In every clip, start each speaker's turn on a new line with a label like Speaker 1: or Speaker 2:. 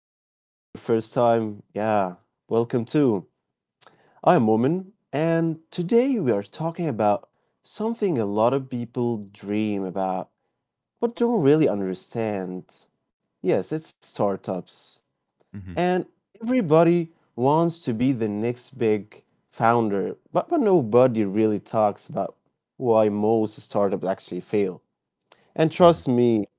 Speaker 1: Or if it's your first time, yeah, welcome too. I'm Woman, and today we are talking about something a lot of people dream about but don't really understand. Yes, it's startups.
Speaker 2: Mhm,
Speaker 1: And everybody wants to be the next big founder, but nobody really talks about why most startups actually fail. And
Speaker 2: mhm.
Speaker 1: trust me,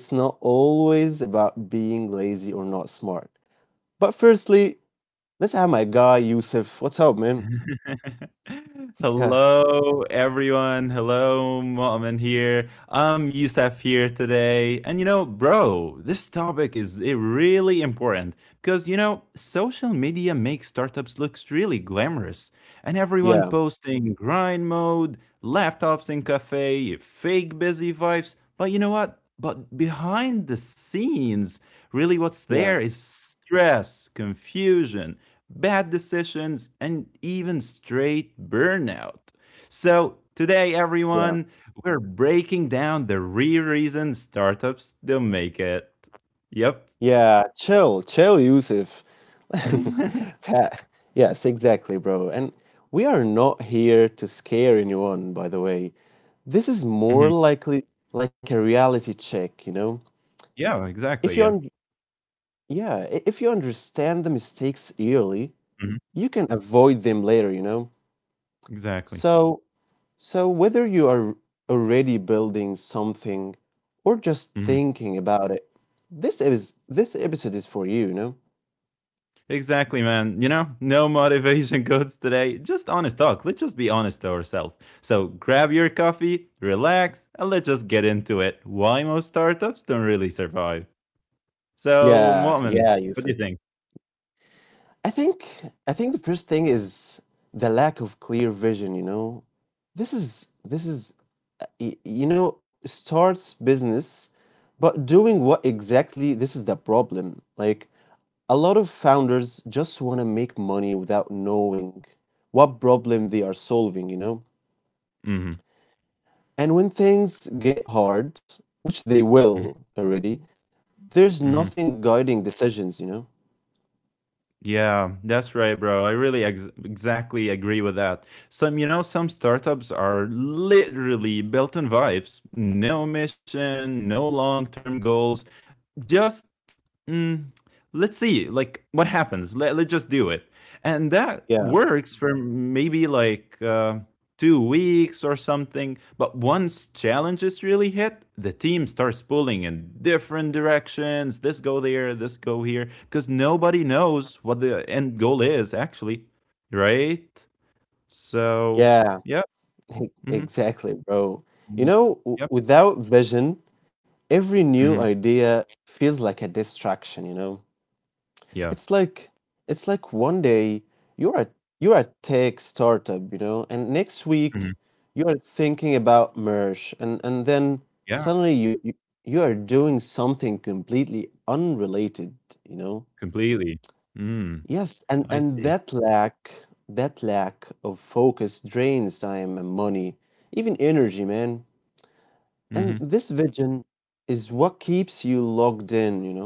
Speaker 1: it's not always about being lazy or not smart. But firstly, let's have my guy Yusuf. What's up, man? Yeah,
Speaker 2: Hello, everyone. Hello, Mu'min here. I'm Yusuf here today. And you know, bro, this topic is really important because you know, social media makes startups looks really glamorous. And everyone
Speaker 1: yeah,
Speaker 2: posting grind mode, laptops in cafe, fake busy vibes. But you know what? But behind the scenes, really what's
Speaker 1: yeah,
Speaker 2: there is stress, confusion, bad decisions, and even straight burnout. So, today, everyone,
Speaker 1: yeah,
Speaker 2: we're breaking down the real reason startups don't make it. Yep.
Speaker 1: yeah. Chill, chill, Yusuf. Pat. Yes, exactly, bro. And we are not here to scare anyone, by the way. This is more
Speaker 2: Mhm.
Speaker 1: likely like a reality check.
Speaker 2: Yeah,
Speaker 1: If
Speaker 2: exactly.
Speaker 1: you
Speaker 2: Yeah.
Speaker 1: un- yeah, I- if you understand the mistakes early,
Speaker 2: Mhm.
Speaker 1: you can avoid them later.
Speaker 2: Exactly.
Speaker 1: So, So, whether you are already building something or just
Speaker 2: hmm
Speaker 1: thinking about it, this episode is for you, you know?
Speaker 2: Exactly, man. You know, no motivation codes today. Just honest talk. Let's just be honest to ourselves. So grab your coffee, relax, and let's just get into it. Why most startups don't really survive. So,
Speaker 1: Yeah,
Speaker 2: Mu'min,
Speaker 1: yeah,
Speaker 2: what do you
Speaker 1: Yusuf.
Speaker 2: think?
Speaker 1: I think I think the first thing is the lack of clear vision. This is starts business, but doing what exactly? This is the problem. Like a lot of founders just want to make money without knowing what problem they are solving.
Speaker 2: Mhm.
Speaker 1: And when things get hard, which they
Speaker 2: Mhm.
Speaker 1: will already, there's
Speaker 2: Mhm.
Speaker 1: nothing guiding decisions.
Speaker 2: Yeah, that's right, bro. I really exactly agree with that. Some, you know, some startups are literally built on vibes. No mission, no long-term goals, just mm, let's see like what happens. Let's just do it, and that
Speaker 1: Yeah,
Speaker 2: works for maybe like 2 weeks or something. But once challenges really hit, the team starts pulling in different directions, this go there, this go here, because nobody knows what the end goal is actually, right? So
Speaker 1: yeah,
Speaker 2: yeah. Mm-hmm.
Speaker 1: exactly, bro. You know, w-
Speaker 2: Yep.
Speaker 1: without vision, every new
Speaker 2: hmm
Speaker 1: idea feels like a distraction. It's
Speaker 2: yeah.
Speaker 1: like it's like one day you're a you're a tech startup, and next week
Speaker 2: hmm
Speaker 1: you are thinking about merge and then
Speaker 2: yeah.
Speaker 1: suddenly you are doing something completely unrelated, you know?
Speaker 2: Completely. mm,
Speaker 1: Yes, and
Speaker 2: I
Speaker 1: and
Speaker 2: see.
Speaker 1: that lack of focus drains time and money, even energy, man. And
Speaker 2: hmm
Speaker 1: this vision is what keeps you logged in.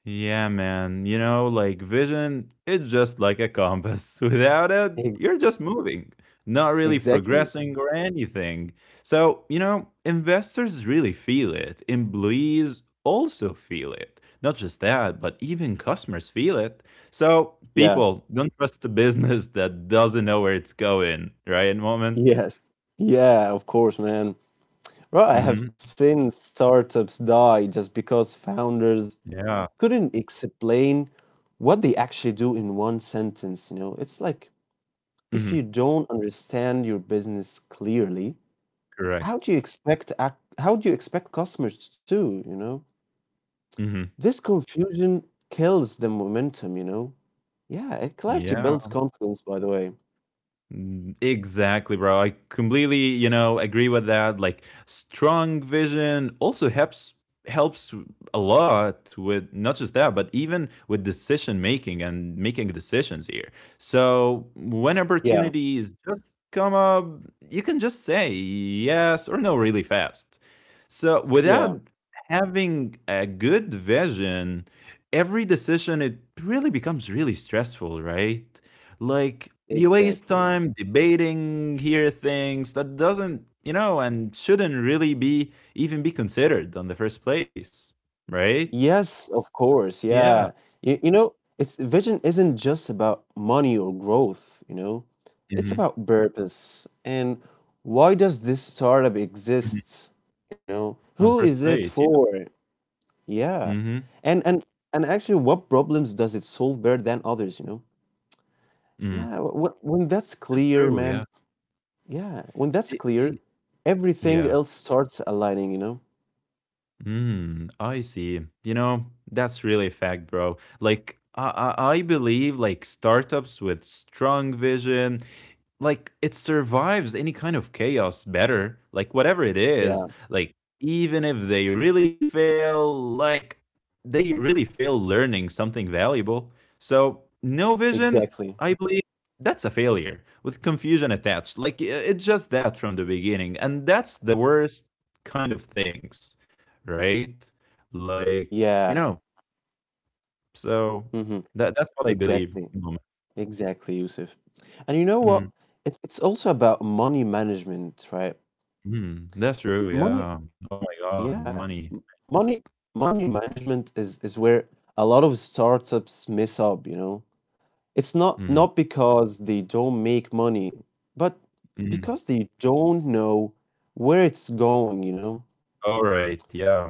Speaker 2: Yeah, man. You know, like vision, it's just like a compass. Without it,
Speaker 1: Ex-
Speaker 2: you're just moving, not really
Speaker 1: exactly.
Speaker 2: progressing or anything. So, you know, investors really feel it. Employees also feel it. Not just that, but even customers feel it. So,
Speaker 1: Yeah.
Speaker 2: people don't trust a business that doesn't know where it's going, right? Moment.
Speaker 1: Yes. Yeah, of course, man. Bro, I have
Speaker 2: Mm-hmm.
Speaker 1: seen startups die just because founders
Speaker 2: Yeah.
Speaker 1: couldn't explain what they actually do in one sentence. It's like if
Speaker 2: Mm-hmm.
Speaker 1: you don't understand your business clearly,
Speaker 2: Correct.
Speaker 1: How do you expect customers to?
Speaker 2: Mm-hmm.
Speaker 1: This confusion kills the momentum. Yeah, and clarity
Speaker 2: Yeah.
Speaker 1: builds confidence, by the way.
Speaker 2: Exactly, bro. I completely, you know, agree with that. Like strong vision also helps a lot with not just that, but even with decision making and making decisions here. So when
Speaker 1: Yeah,
Speaker 2: opportunities just come up, you can just say yes or no really fast. So without
Speaker 1: yeah,
Speaker 2: having a good vision, every decision it really becomes really stressful, right? Like, you waste
Speaker 1: exactly.
Speaker 2: time debating here things that doesn't, you know, and shouldn't really be even be considered on the first place, right?
Speaker 1: Yes,
Speaker 2: S-
Speaker 1: of course.
Speaker 2: Yeah.
Speaker 1: Yeah. It's vision isn't just about money or growth. It's
Speaker 2: hmm
Speaker 1: about purpose and why does this startup
Speaker 2: hmm
Speaker 1: exist? You know,
Speaker 2: On the
Speaker 1: who
Speaker 2: first
Speaker 1: is it
Speaker 2: place, yeah.
Speaker 1: for? Yeah.
Speaker 2: hmm
Speaker 1: And and and actually what problems does it solve better than others.
Speaker 2: Mm.
Speaker 1: Yeah, when that's
Speaker 2: That's
Speaker 1: clear,
Speaker 2: true,
Speaker 1: man.
Speaker 2: yeah.
Speaker 1: Yeah, when that's
Speaker 2: It, it,
Speaker 1: clear, everything
Speaker 2: yeah.
Speaker 1: else starts aligning.
Speaker 2: I see. You know, that's really a fact, bro. Like, I believe like startups with strong vision, like it survives any kind of chaos better, like whatever it is,
Speaker 1: Yeah,
Speaker 2: like even if they really fail, like they really fail learning something valuable. So no vision,
Speaker 1: exactly.
Speaker 2: I believe, that's a failure with confusion attached, like it's just that from the beginning, and that's the worst kind of things, right? Like, you
Speaker 1: Yeah.
Speaker 2: know, so
Speaker 1: Mm-hmm.
Speaker 2: that that's what I believe.
Speaker 1: Exactly. Exactly, Yusuf. And you know what?
Speaker 2: Mhm.
Speaker 1: It's also about money management, right?
Speaker 2: Mhm. That's
Speaker 1: The
Speaker 2: true,
Speaker 1: money,
Speaker 2: yeah. Oh my god,
Speaker 1: yeah.
Speaker 2: money.
Speaker 1: Money money management is where a lot of startups mess up. It's not
Speaker 2: Mhm,
Speaker 1: not because they don't make money, but
Speaker 2: mhm.
Speaker 1: because they don't know where it's going.
Speaker 2: Alright, yeah,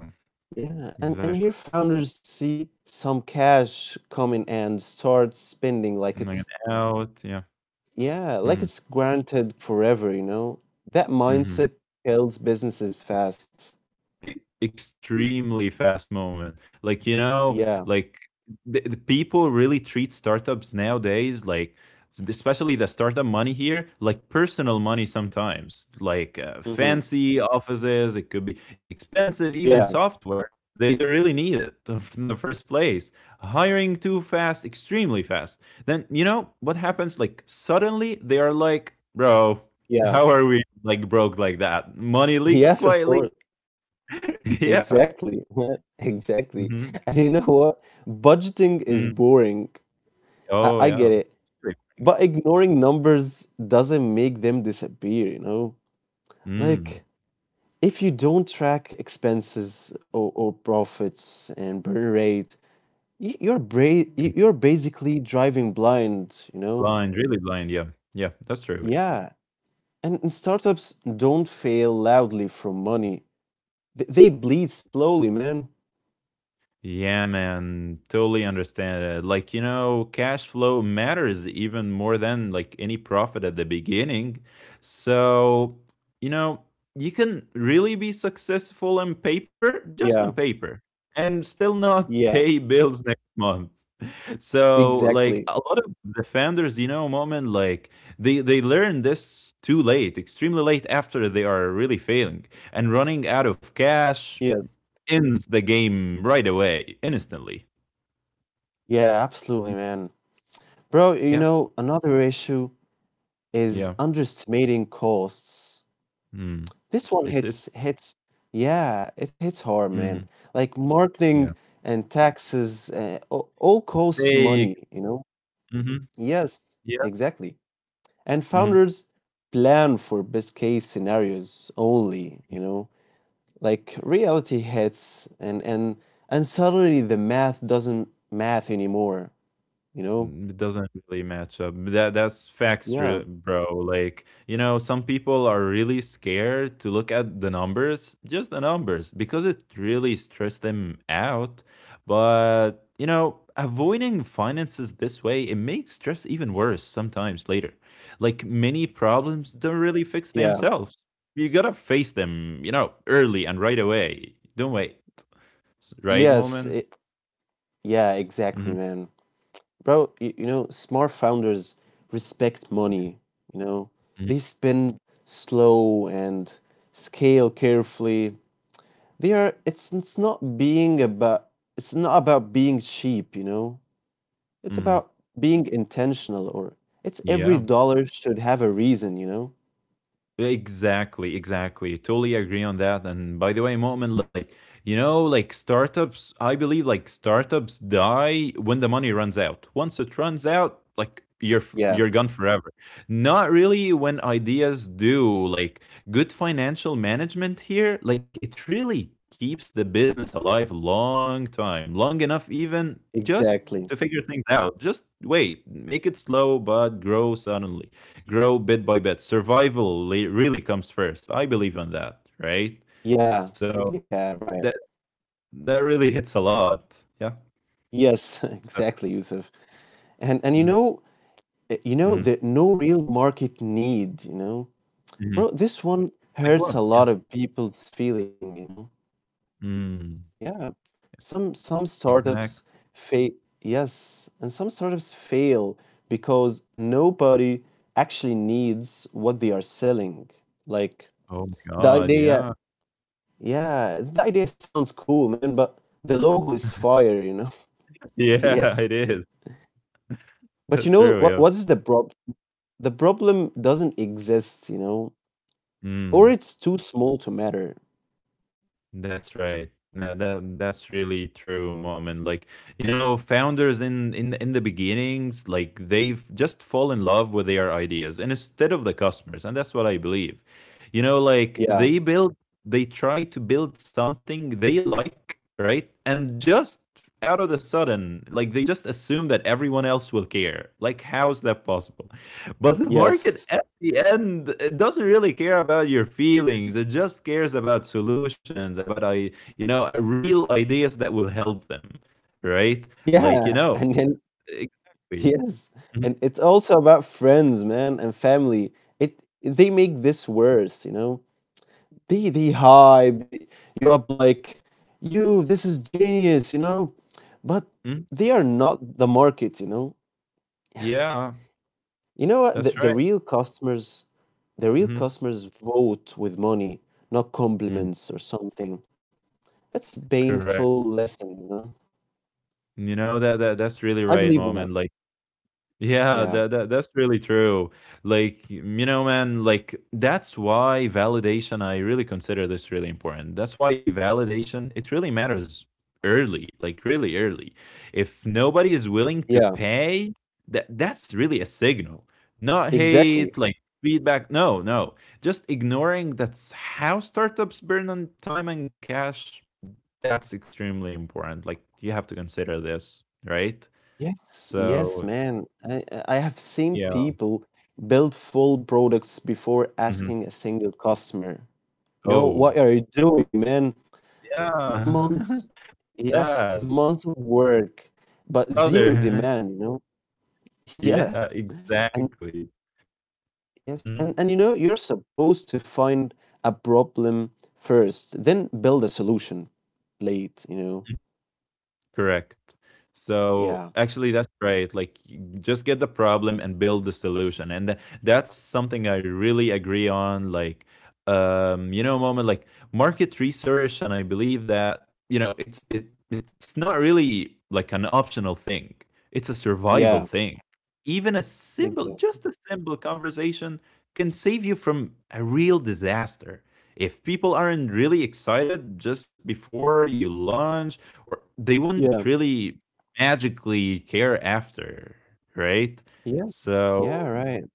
Speaker 1: Yeah, and
Speaker 2: exactly.
Speaker 1: here founders see some cash coming and start spending like
Speaker 2: And
Speaker 1: it's
Speaker 2: out, yeah.
Speaker 1: yeah, like
Speaker 2: Mhm,
Speaker 1: it's granted forever. That
Speaker 2: mhm.
Speaker 1: mindset kills businesses fast.
Speaker 2: E extremely fast moment. Like, you know,
Speaker 1: Yeah.
Speaker 2: like the people really treat startups nowadays, like especially the startup money here like personal money sometimes, like
Speaker 1: hmm
Speaker 2: fancy offices, it could be expensive, even
Speaker 1: Yeah.
Speaker 2: software they don't really need it in the first place, hiring too fast, extremely fast. Then you know what happens, like suddenly they are like, bro,
Speaker 1: Yeah.
Speaker 2: how are we like broke like that? Money leaks
Speaker 1: Yes, of
Speaker 2: quietly.
Speaker 1: course.
Speaker 2: Yeah.
Speaker 1: Exactly. Exactly.
Speaker 2: Mhm.
Speaker 1: And you know what? Budgeting is
Speaker 2: Mm.
Speaker 1: boring. I,
Speaker 2: Oh,
Speaker 1: I get
Speaker 2: yeah.
Speaker 1: it.
Speaker 2: Very boring.
Speaker 1: But ignoring numbers doesn't make them disappear.
Speaker 2: Mm.
Speaker 1: Like, if you don't track expenses or profits and burn rate, y- you're, bra-
Speaker 2: Mhm.
Speaker 1: y- you're basically driving blind.
Speaker 2: Blind, really blind, yeah. Yeah, that's true, yeah.
Speaker 1: Yeah. And startups don't fail loudly from money. They bleed slowly, man.
Speaker 2: Yeah, man, totally understand it. Like, you know, cash flow matters even more than like any profit at the beginning. So, you know, you can really be successful on paper, just on
Speaker 1: Yeah,
Speaker 2: paper, and still not
Speaker 1: yeah,
Speaker 2: pay bills next month. So, like,
Speaker 1: exactly.
Speaker 2: a lot of the founders, you know, Moment, like they learn this too late, extremely late, after they are really failing and running out of cash
Speaker 1: Yes.
Speaker 2: ends the game right away, instantly.
Speaker 1: Yeah, absolutely,
Speaker 2: Mm,
Speaker 1: man. Bro,
Speaker 2: yeah,
Speaker 1: another issue is
Speaker 2: yeah.
Speaker 1: underestimating costs.
Speaker 2: Mm.
Speaker 1: This one
Speaker 2: It
Speaker 1: hits hits yeah, it hits hard,
Speaker 2: mhm,
Speaker 1: man. Like
Speaker 2: yeah.
Speaker 1: marketing and taxes, all costs
Speaker 2: Mistake.
Speaker 1: money.
Speaker 2: hmm
Speaker 1: Yes,
Speaker 2: Yeah.
Speaker 1: exactly. And
Speaker 2: hmm
Speaker 1: founders plan for best case scenarios only. Like reality hits and suddenly the math doesn't math anymore, you know?
Speaker 2: It doesn't really match up. That that's facts,
Speaker 1: Yeah.
Speaker 2: bro. Like you know, some people are really scared to look at the numbers, just the numbers, because it really stressed them out. But you know, avoiding finances this way it makes stress even worse sometimes later. Like many problems don't really fix
Speaker 1: Yeah.
Speaker 2: themselves. You gotta face them, you know, early and right away. Don't wait. Right
Speaker 1: Yes,
Speaker 2: moment.
Speaker 1: exactly,
Speaker 2: Mm-hmm.
Speaker 1: man. Bro, smart founders respect money, you know.
Speaker 2: Mm-hmm.
Speaker 1: They spend slow and scale carefully. They are it's not being about it's not about being cheap. It's
Speaker 2: Mm-hmm.
Speaker 1: about being intentional or it's Every
Speaker 2: Yeah.
Speaker 1: dollar should have a reason.
Speaker 2: Exactly, exactly. Totally agree on that. And by the way, Mu'min, like, you know, like startups, I believe like startups die when the money runs out. Once it runs out, like you're
Speaker 1: Yeah,
Speaker 2: gone forever. Not really when ideas do. Like good financial management here, like it really keeps the business alive long time, long enough even just
Speaker 1: exactly.
Speaker 2: to figure things out. Just wait, make it slow but grow suddenly, grow bit by bit. Survival really comes first. I believe in that, right?
Speaker 1: Yeah.
Speaker 2: So
Speaker 1: Yeah, right.
Speaker 2: that that really hits a lot. Yeah.
Speaker 1: Yes,
Speaker 2: So,
Speaker 1: exactly, Yusuf. And
Speaker 2: hmm
Speaker 1: you know
Speaker 2: hmm
Speaker 1: that no real market need.
Speaker 2: hmm
Speaker 1: Bro, this one
Speaker 2: like
Speaker 1: hurts
Speaker 2: what?
Speaker 1: a
Speaker 2: Yeah.
Speaker 1: lot of people's feeling.
Speaker 2: Mm,
Speaker 1: Yeah. Some startups
Speaker 2: exactly.
Speaker 1: fail. Yes, and some startups fail because nobody actually needs what they are selling. Like
Speaker 2: Oh my
Speaker 1: the
Speaker 2: God.
Speaker 1: idea,
Speaker 2: Yeah.
Speaker 1: yeah, the idea sounds cool, man, but the logo is fire. Yes.
Speaker 2: Yeah, it is.
Speaker 1: But you
Speaker 2: That's
Speaker 1: know what
Speaker 2: true.
Speaker 1: is the problem? The problem doesn't exist,
Speaker 2: Yeah.
Speaker 1: or
Speaker 2: Mm.
Speaker 1: it's too small to matter.
Speaker 2: That's right. No, that that's really true, mom. And like you know, founders in the beginnings, like they've just fall in love with their ideas and instead of the customers, and that's what I believe. You know, like
Speaker 1: Yeah.
Speaker 2: they build, they try to build something they like, right? And just out of the sudden, like they just assume that everyone else will care. Like, how's that possible? But the market
Speaker 1: Yes.
Speaker 2: the end, it doesn't really care about your feelings, it just cares about solutions, about, I you know real ideas that will help them, right?
Speaker 1: Yeah,
Speaker 2: Like you know,
Speaker 1: and then
Speaker 2: exactly.
Speaker 1: Yes,
Speaker 2: Mhm,
Speaker 1: and it's also about friends, man, and family. It they make this worse, you know. They hype you up like, this is genius. But
Speaker 2: mhm.
Speaker 1: they are not the market.
Speaker 2: Yeah,
Speaker 1: You know what? The,
Speaker 2: that's
Speaker 1: the
Speaker 2: right.
Speaker 1: real customers, the real
Speaker 2: hmm
Speaker 1: customers vote with money, not compliments or something. That's a
Speaker 2: Correct.
Speaker 1: painful lesson.
Speaker 2: You know that, that that's really
Speaker 1: I
Speaker 2: right
Speaker 1: believe that.
Speaker 2: moment, like. Yeah, that,
Speaker 1: Yeah,
Speaker 2: that that's really true. Like, you know, man, like that's why validation, I really consider this really important. That's why validation, it really matters early, like really early. If nobody is willing to
Speaker 1: yeah,
Speaker 2: pay, that that's really a signal. Not
Speaker 1: exactly.
Speaker 2: hate, like feedback. No, no. Just ignoring, that's how startups burn on time and cash. That's extremely important. Like you have to consider this, right?
Speaker 1: Yes, yes,
Speaker 2: So,
Speaker 1: man. I have seen
Speaker 2: yeah.
Speaker 1: people build full products before asking
Speaker 2: Mm-hmm.
Speaker 1: a single customer. What
Speaker 2: Oh,
Speaker 1: are you doing, man? M-
Speaker 2: yeah.
Speaker 1: months, yes,
Speaker 2: Yeah,
Speaker 1: months of work, but zero
Speaker 2: brother.
Speaker 1: demand, you know? Yeah.
Speaker 2: Yeah,
Speaker 1: And
Speaker 2: exactly.
Speaker 1: yes, and, and
Speaker 2: Mhm.
Speaker 1: you know, you're supposed to find a problem first, then build a solution late.
Speaker 2: Correct.
Speaker 1: Yeah,
Speaker 2: So actually, that's right. Like, you just get the problem and build the solution, and that's something I really agree on. Like, you know, moment like market research, and I believe that, you know, it's not really like an optional thing. It's a survival
Speaker 1: yeah,
Speaker 2: thing. Even a simple, just
Speaker 1: exactly.
Speaker 2: a simple conversation can save you from a real disaster. If people aren't really excited just before you launch, or they wouldn't
Speaker 1: Yeah,
Speaker 2: really magically care after, right?
Speaker 1: yes, yeah,
Speaker 2: So
Speaker 1: right.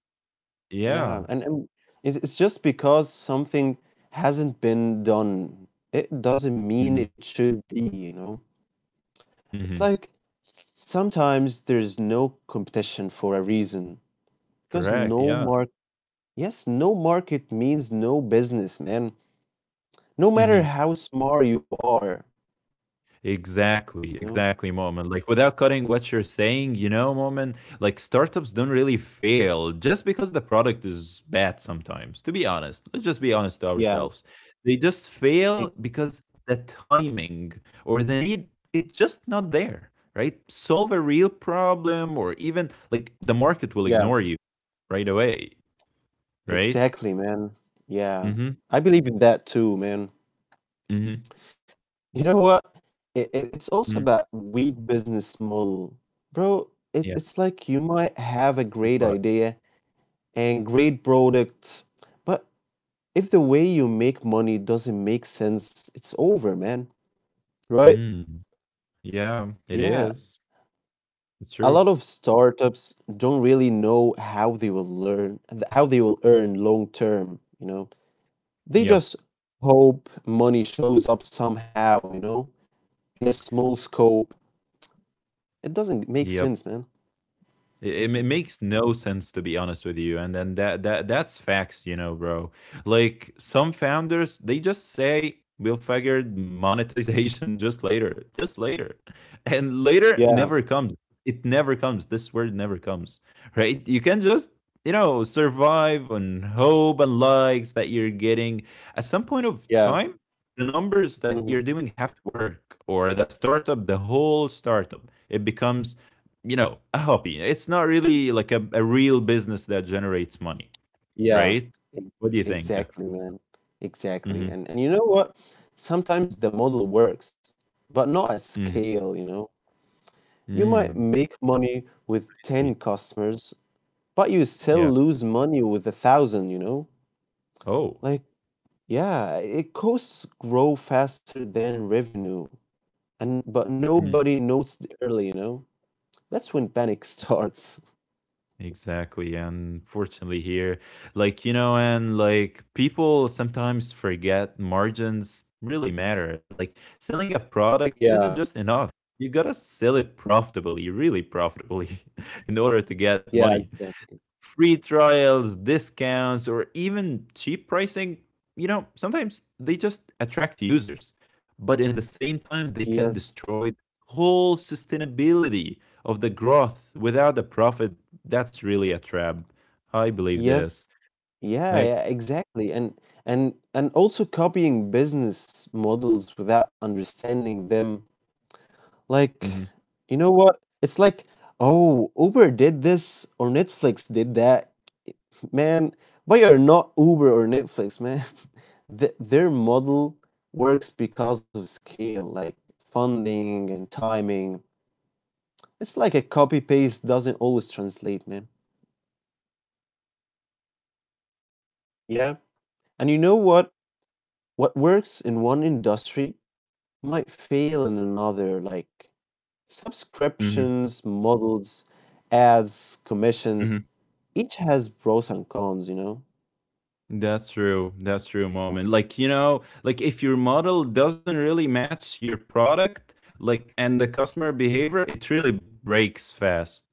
Speaker 1: Yeah,
Speaker 2: yeah.
Speaker 1: and it's just because something hasn't been done, it doesn't
Speaker 2: Mhm.
Speaker 1: mean it should be.
Speaker 2: Mhm.
Speaker 1: It's like sometimes there's no competition for a reason because
Speaker 2: Correct,
Speaker 1: no
Speaker 2: yeah.
Speaker 1: mark, yes, no market means no business, man. No matter
Speaker 2: Mhm.
Speaker 1: how smart you are,
Speaker 2: Exactly,
Speaker 1: you know?
Speaker 2: exactly, Moment. Like without cutting what you're saying, you know, Moment, like startups don't really fail just because the product is bad sometimes. To be honest, let's just be honest to
Speaker 1: Yeah,
Speaker 2: ourselves. They just fail
Speaker 1: e-
Speaker 2: because the timing or the need, it's just not there, right? Solve a real problem, or even like the market will
Speaker 1: yeah,
Speaker 2: ignore you right away, right?
Speaker 1: exactly, man. Yeah.
Speaker 2: Mm-hmm.
Speaker 1: I believe in that too, man.
Speaker 2: Mm-hmm.
Speaker 1: You know what? It's also
Speaker 2: Mm.
Speaker 1: about weak business model. Bro, it,
Speaker 2: Yeah.
Speaker 1: it's like you might have a
Speaker 2: that's
Speaker 1: great
Speaker 2: what-
Speaker 1: idea and great product, but if the way you make money doesn't make sense, it's over, man. Right?
Speaker 2: Mm. Yeah, it
Speaker 1: Yeah.
Speaker 2: is. It's
Speaker 1: A
Speaker 2: true.
Speaker 1: lot of startups don't really know how they will earn long term. They
Speaker 2: Yeah.
Speaker 1: just hope money shows up somehow, in a small scope. It doesn't make
Speaker 2: Yep.
Speaker 1: sense, man. Mhm.
Speaker 2: Makes no sense to be honest with you. And then that that that's facts, you know, bro. Like some founders, they just say we'll figure monetization just later, just later. And later
Speaker 1: Yeah,
Speaker 2: never comes. It never comes. This word never comes. Right? You can just, you know, survive on hope and likes that you're getting. At some point of
Speaker 1: yeah,
Speaker 2: time, the numbers that you're
Speaker 1: mhm,
Speaker 2: doing have to work, or the startup, the whole startup, it becomes, you know, a hobby. It's not really like a real business that generates money,
Speaker 1: yeah,
Speaker 2: right?
Speaker 1: e
Speaker 2: What do you think? Yeah.
Speaker 1: exactly, man, exactly,
Speaker 2: Mm-hmm.
Speaker 1: and you know what? Sometimes the model works, but not at
Speaker 2: Mm-hmm.
Speaker 1: scale, you know? You might
Speaker 2: Mm.
Speaker 1: make money with
Speaker 2: Y-
Speaker 1: 10 customers, but you still
Speaker 2: Yeah.
Speaker 1: lose money with a thousand.
Speaker 2: Oh.
Speaker 1: Like, yeah, it costs grow faster than revenue, and but
Speaker 2: Mm.
Speaker 1: nobody notes it early. That's when panic starts.
Speaker 2: Exactly. And fortunately here, like, you know, and like people sometimes forget margins really matter. Like selling a product isn't
Speaker 1: Yeah,
Speaker 2: just enough. You gotta sell it profitably, really profitably, in order to get
Speaker 1: yeah,
Speaker 2: money.
Speaker 1: exactly.
Speaker 2: Free trials, discounts, or even cheap pricing, you know, sometimes they just attract users. But in the same time, they can
Speaker 1: Yes,
Speaker 2: destroy the whole sustainability of the growth without a profit. That's really a trap. I believe
Speaker 1: yes,
Speaker 2: this.
Speaker 1: Yeah,
Speaker 2: Like,
Speaker 1: yeah, exactly. And also copying business models without understanding them. Like,
Speaker 2: hmm
Speaker 1: you know what? It's like, oh, Uber did this or Netflix did that. Man, we are not Uber or Netflix, man. Th their model works because of scale, like funding and timing. It's like a copy paste doesn't always translate, man. Yeah. And you know what? What works in one industry might fail in another, like
Speaker 2: hmm
Speaker 1: subscriptions, models, ads, commissions.
Speaker 2: hmm
Speaker 1: Each has pros and cons.
Speaker 2: that's true. That's true, moment. Like, you know, like if your model doesn't really match your product, like, and the customer behavior, it really breaks fast,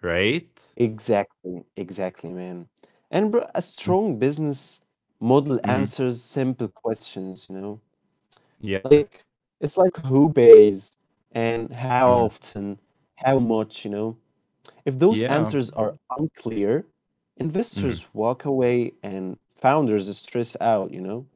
Speaker 2: right?
Speaker 1: Exactly, exactly, man. And bro, a
Speaker 2: Mm,
Speaker 1: strong business model
Speaker 2: mhm.
Speaker 1: answers simple questions.
Speaker 2: Yeah.
Speaker 1: Like, it's like who pays and how
Speaker 2: Mhm.
Speaker 1: often, how much. If those
Speaker 2: Yeah.
Speaker 1: answers are unclear,
Speaker 2: Mhm.
Speaker 1: investors walk away and founders stress out.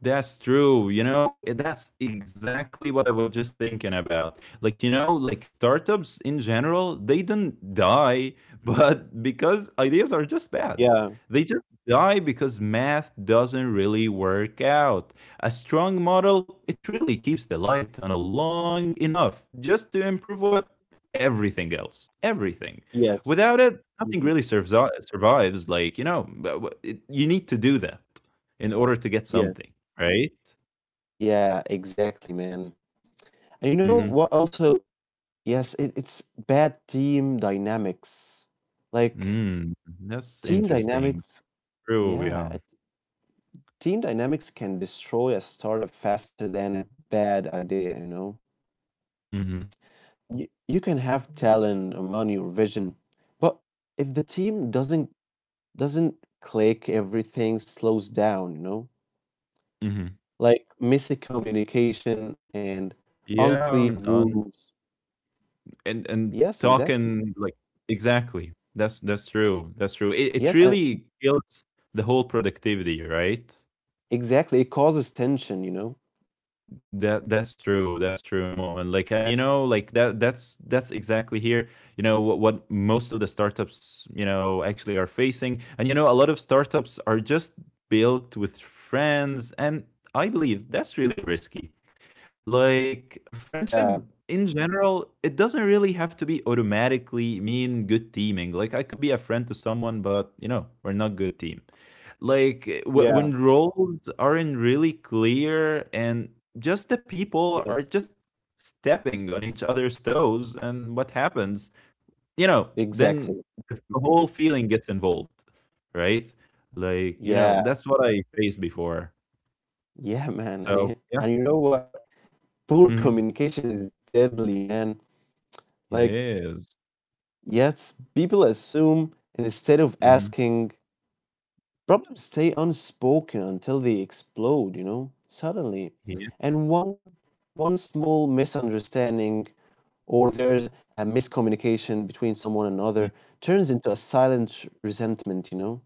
Speaker 2: That's true. You know, that's exactly what I was just thinking about. Like, you know, like startups in general, they don't die, but because ideas are just bad.
Speaker 1: Yeah.
Speaker 2: They just die because math doesn't really work out. A strong model, it really keeps the light on a long enough just to improve what? Everything else. Everything. Without
Speaker 1: Yes.
Speaker 2: it, nothing really
Speaker 1: Mhm.
Speaker 2: serves, survives. Like, you know, you need to do that in order to get
Speaker 1: Yes.
Speaker 2: something. Right?
Speaker 1: Yeah, exactly, man. And you know
Speaker 2: Mhm.
Speaker 1: what also, yes, it's bad team dynamics. Like
Speaker 2: Mm, that's
Speaker 1: team
Speaker 2: interesting.
Speaker 1: dynamics,
Speaker 2: True,
Speaker 1: yeah,
Speaker 2: yeah.
Speaker 1: it- team dynamics can destroy a startup faster than a bad idea, you know.
Speaker 2: Mhm,
Speaker 1: You can have talent, or money, or vision, but if the team doesn't click, everything slows down.
Speaker 2: mhm.
Speaker 1: Like miscommunication and
Speaker 2: Yeah,
Speaker 1: unclear rules.
Speaker 2: and
Speaker 1: Yes, exactly.
Speaker 2: talking like exactly. That's true, that's true. It
Speaker 1: Yes, and
Speaker 2: really kills the whole productivity, right?
Speaker 1: exactly. It causes tension.
Speaker 2: That's true. That's true, moment. Like, and you know, like that's exactly here. You know what most of the startups, you know, actually are facing, and you know a lot of startups are just built with friends, and I believe that's really risky. Like friendship
Speaker 1: Yeah,
Speaker 2: in general, it doesn't really have to be automatically mean good teaming. Like I could be a friend to someone, but you know we're not good team. Like w-
Speaker 1: yeah,
Speaker 2: when roles aren't really clear and just the people are
Speaker 1: yes,
Speaker 2: just stepping on each other's toes, and what happens? You know,
Speaker 1: exactly.
Speaker 2: then the
Speaker 1: Mhm.
Speaker 2: whole feeling gets involved, right? Like, you know,
Speaker 1: Yeah,
Speaker 2: that's what I faced before.
Speaker 1: yeah, man. And,
Speaker 2: So,
Speaker 1: y-
Speaker 2: yeah.
Speaker 1: and you know what? Poor
Speaker 2: Mhm.
Speaker 1: communication is deadly, man.
Speaker 2: It
Speaker 1: Like,
Speaker 2: is.
Speaker 1: yes, people assume, and instead of
Speaker 2: Mhm.
Speaker 1: asking, problems stay unspoken until they explode, suddenly.
Speaker 2: Yeah. Mm-hmm.
Speaker 1: And one small misunderstanding or there's a miscommunication between someone and another turns into a silent resentment.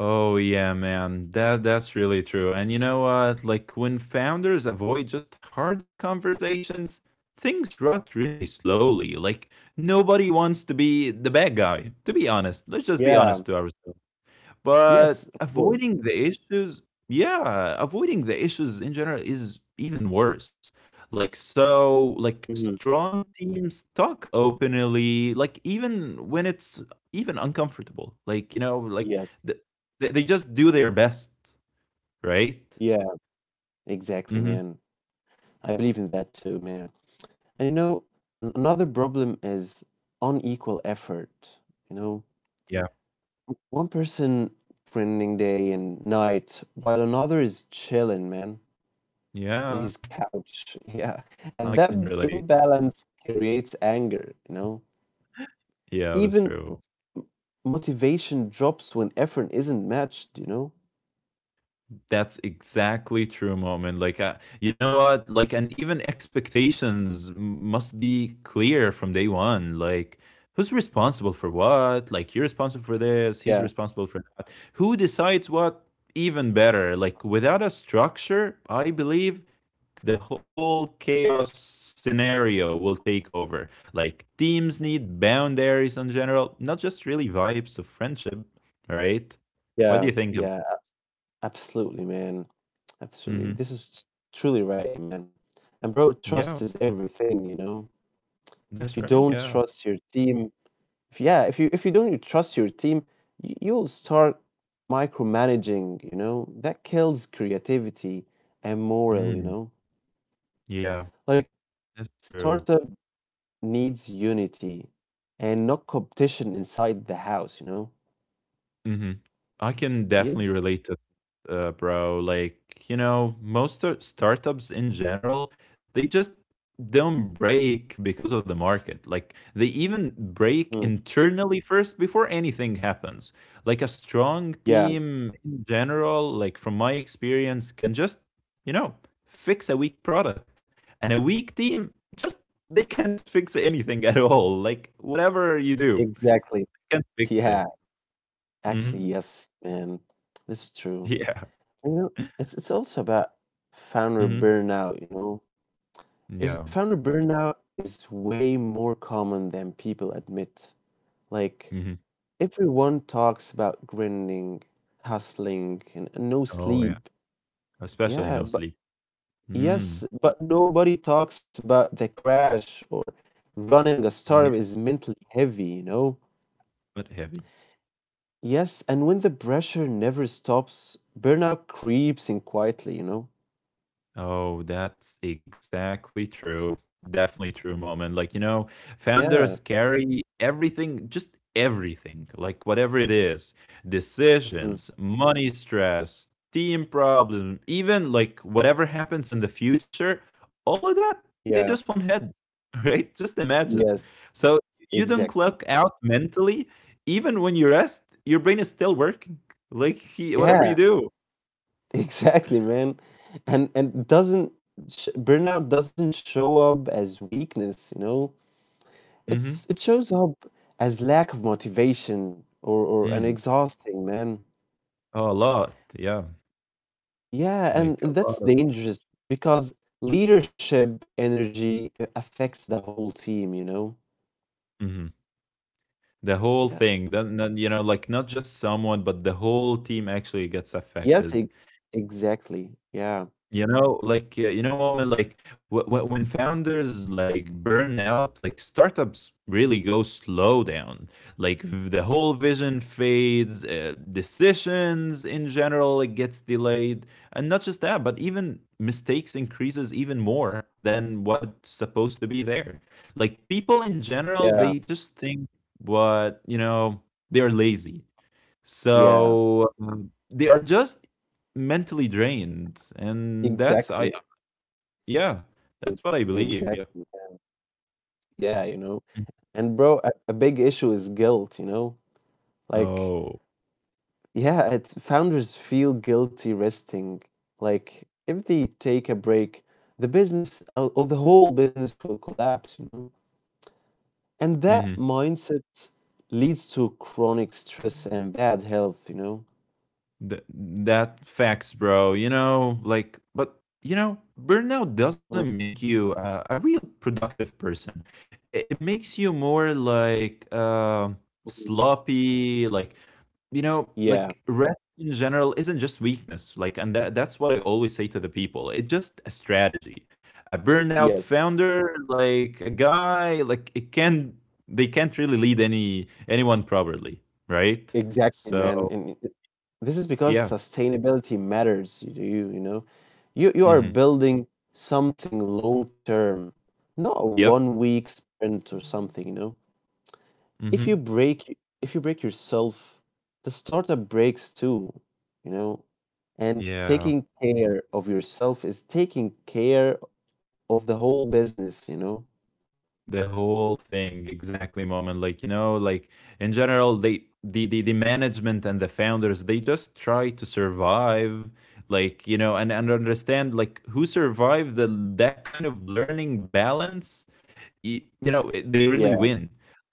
Speaker 2: Oh yeah, man. That's really true. And you know what? Like when founders avoid just hard conversations, things rot really slowly. Like nobody wants to be the bad guy. To be honest, let's just be
Speaker 1: Yeah.
Speaker 2: honest to ourselves.
Speaker 1: Yes,
Speaker 2: But
Speaker 1: of course.
Speaker 2: avoiding the issues, yeah, avoiding the issues in general is even worse. Like so like
Speaker 1: Hmm.
Speaker 2: strong teams talk openly, like even when it's even uncomfortable. Like, you know, like
Speaker 1: Yes.
Speaker 2: th- they just do their best, right?
Speaker 1: Yeah, exactly,
Speaker 2: Mhm.
Speaker 1: man. I believe in that too, man. And another problem is unequal effort. You know,
Speaker 2: Yeah.
Speaker 1: one person training day and night while another is chilling, man, in his
Speaker 2: Yeah,
Speaker 1: couch. Yeah. And
Speaker 2: I
Speaker 1: that
Speaker 2: can relate.
Speaker 1: imbalance creates anger.
Speaker 2: Yeah, that's
Speaker 1: Even
Speaker 2: true.
Speaker 1: motivation drops when effort isn't matched.
Speaker 2: That's exactly true, moment. Like, you know what? Like, and even expectations must be clear from day one. Like, who's responsible for what? Like, you're responsible for this. He's
Speaker 1: Yeah,
Speaker 2: responsible for who decides what. Even better. Like, without a structure, I believe the whole chaos scenario will take over. Like, teams need boundaries in general, not just really vibes of friendship, right? What do
Speaker 1: yeah,
Speaker 2: you think of?
Speaker 1: yeah, absolutely, man. Absolutely.
Speaker 2: Hmm.
Speaker 1: This is truly right, man. And bro, trust
Speaker 2: Yeah.
Speaker 1: is everything. If you
Speaker 2: That's right,
Speaker 1: don't
Speaker 2: yeah.
Speaker 1: trust your team, if yeah, if you don't you trust your team, you'll start micromanaging. That kills creativity and morale, you
Speaker 2: Mm,
Speaker 1: know?
Speaker 2: yeah,
Speaker 1: Like
Speaker 2: that's true.
Speaker 1: startup needs unity and not competition inside the house.
Speaker 2: Mhm. I can definitely
Speaker 1: Yes.
Speaker 2: relate to that, bro. Like, you know, most startups in general, they just don't break because of the market. Like, they even break
Speaker 1: Hmm.
Speaker 2: internally first before anything happens. Like, a strong
Speaker 1: Yeah,
Speaker 2: team in general, like, from my experience, can just, you know, fix a weak product. And a weak team, just, they can't fix anything at all. Like, whatever you do,
Speaker 1: exactly.
Speaker 2: can't fix it.
Speaker 1: Yeah, actually,
Speaker 2: Hmm.
Speaker 1: yes, man. That's true.
Speaker 2: Yeah.
Speaker 1: You know, it's also about founder
Speaker 2: Mhm.
Speaker 1: burnout, you know. Is
Speaker 2: Yeah.
Speaker 1: founder burnout is way more common than people admit. Like
Speaker 2: Mhm.
Speaker 1: everyone talks about grinding, hustling, and no
Speaker 2: Oh, yeah.
Speaker 1: sleep.
Speaker 2: Especially
Speaker 1: Yeah,
Speaker 2: no
Speaker 1: but
Speaker 2: sleep.
Speaker 1: yes,
Speaker 2: Mm.
Speaker 1: but nobody talks about the crash or running a startup
Speaker 2: Yeah,
Speaker 1: is mentally heavy, you know?
Speaker 2: but heavy.
Speaker 1: Yes, and when the pressure never stops, burnout creeps in quietly, you know?
Speaker 2: Oh, that's exactly true. Definitely true moment. Like, you know, founders
Speaker 1: Yeah.
Speaker 2: carry everything, just everything, like whatever it is,
Speaker 1: Mhm.
Speaker 2: decisions, money stress, team problem, even like whatever happens in the future, all of that in
Speaker 1: Yeah.
Speaker 2: just one head, right? Just imagine.
Speaker 1: Yes,
Speaker 2: So you don't
Speaker 1: exactly.
Speaker 2: clock out mentally, even when you rest, your brain is still working. Like he, whatever you
Speaker 1: Yeah,
Speaker 2: do.
Speaker 1: exactly, man. And doesn't sh burnout doesn't show up as weakness, you know?
Speaker 2: Mm-hmm.
Speaker 1: It shows up as lack of motivation or an
Speaker 2: Mm.
Speaker 1: exhausting, man.
Speaker 2: Oh, a lot. Yeah.
Speaker 1: Yeah,
Speaker 2: Like
Speaker 1: and
Speaker 2: a
Speaker 1: that's
Speaker 2: lot of,
Speaker 1: dangerous because leadership energy it affects the whole team, you know?
Speaker 2: mhm, the whole
Speaker 1: Yeah.
Speaker 2: thing, then, you know, like not just someone, but the whole team actually gets
Speaker 1: Yes,
Speaker 2: affected.
Speaker 1: e Exactly. Yeah,
Speaker 2: You know, like, you know, moment like when founders like burn out, like startups really go slow down. Like the whole vision fades, decisions in general it gets delayed, and not just that, but even mistakes increases even more than what's supposed to be there. Like people in general,
Speaker 1: yeah,
Speaker 2: they just think what you know they're lazy
Speaker 1: yeah,
Speaker 2: so, they are just mentally drained, and that's I,
Speaker 1: exactly,
Speaker 2: yeah,
Speaker 1: e
Speaker 2: that's what I believe, yep.
Speaker 1: exactly. Yeah, you know,
Speaker 2: Mm.
Speaker 1: and bro, a big issue is guilt, you know, like,
Speaker 2: Oh,
Speaker 1: yeah, it's founders feel guilty resting. Like, if they take a break, the business or the whole business will collapse, you know, and that
Speaker 2: mhm.
Speaker 1: mindset leads to chronic stress and bad health, you know.
Speaker 2: Th That facts, bro, you know, like but, you know, burnout doesn't
Speaker 1: Mm,
Speaker 2: make you a real productive person. It makes you more like,
Speaker 1: mm, mm.
Speaker 2: sloppy, like you know,
Speaker 1: Yeah,
Speaker 2: like rest in general isn't just weakness. Like, and that, that's what I always say to the people. It's just a strategy. A burned out
Speaker 1: yes.
Speaker 2: founder, like a guy, like it can they can't really lead anyone properly, right?
Speaker 1: Exactly, man.
Speaker 2: So
Speaker 1: This is because
Speaker 2: yeah.
Speaker 1: sustainability matters to you, you know. You are
Speaker 2: Hmm.
Speaker 1: building something long term, not a
Speaker 2: Yep.
Speaker 1: 1 week sprint or something, you know. If you
Speaker 2: Hmm.
Speaker 1: break if you break yourself, the startup breaks too, you know. And
Speaker 2: Yeah.
Speaker 1: taking care of yourself is taking care of the whole business, you know.
Speaker 2: The whole thing exactly moment, like you know like in general they the management and the founders they just try to survive like you know and understand like who survived the, that kind of learning balance, you know, eh, they really
Speaker 1: Yeah,
Speaker 2: win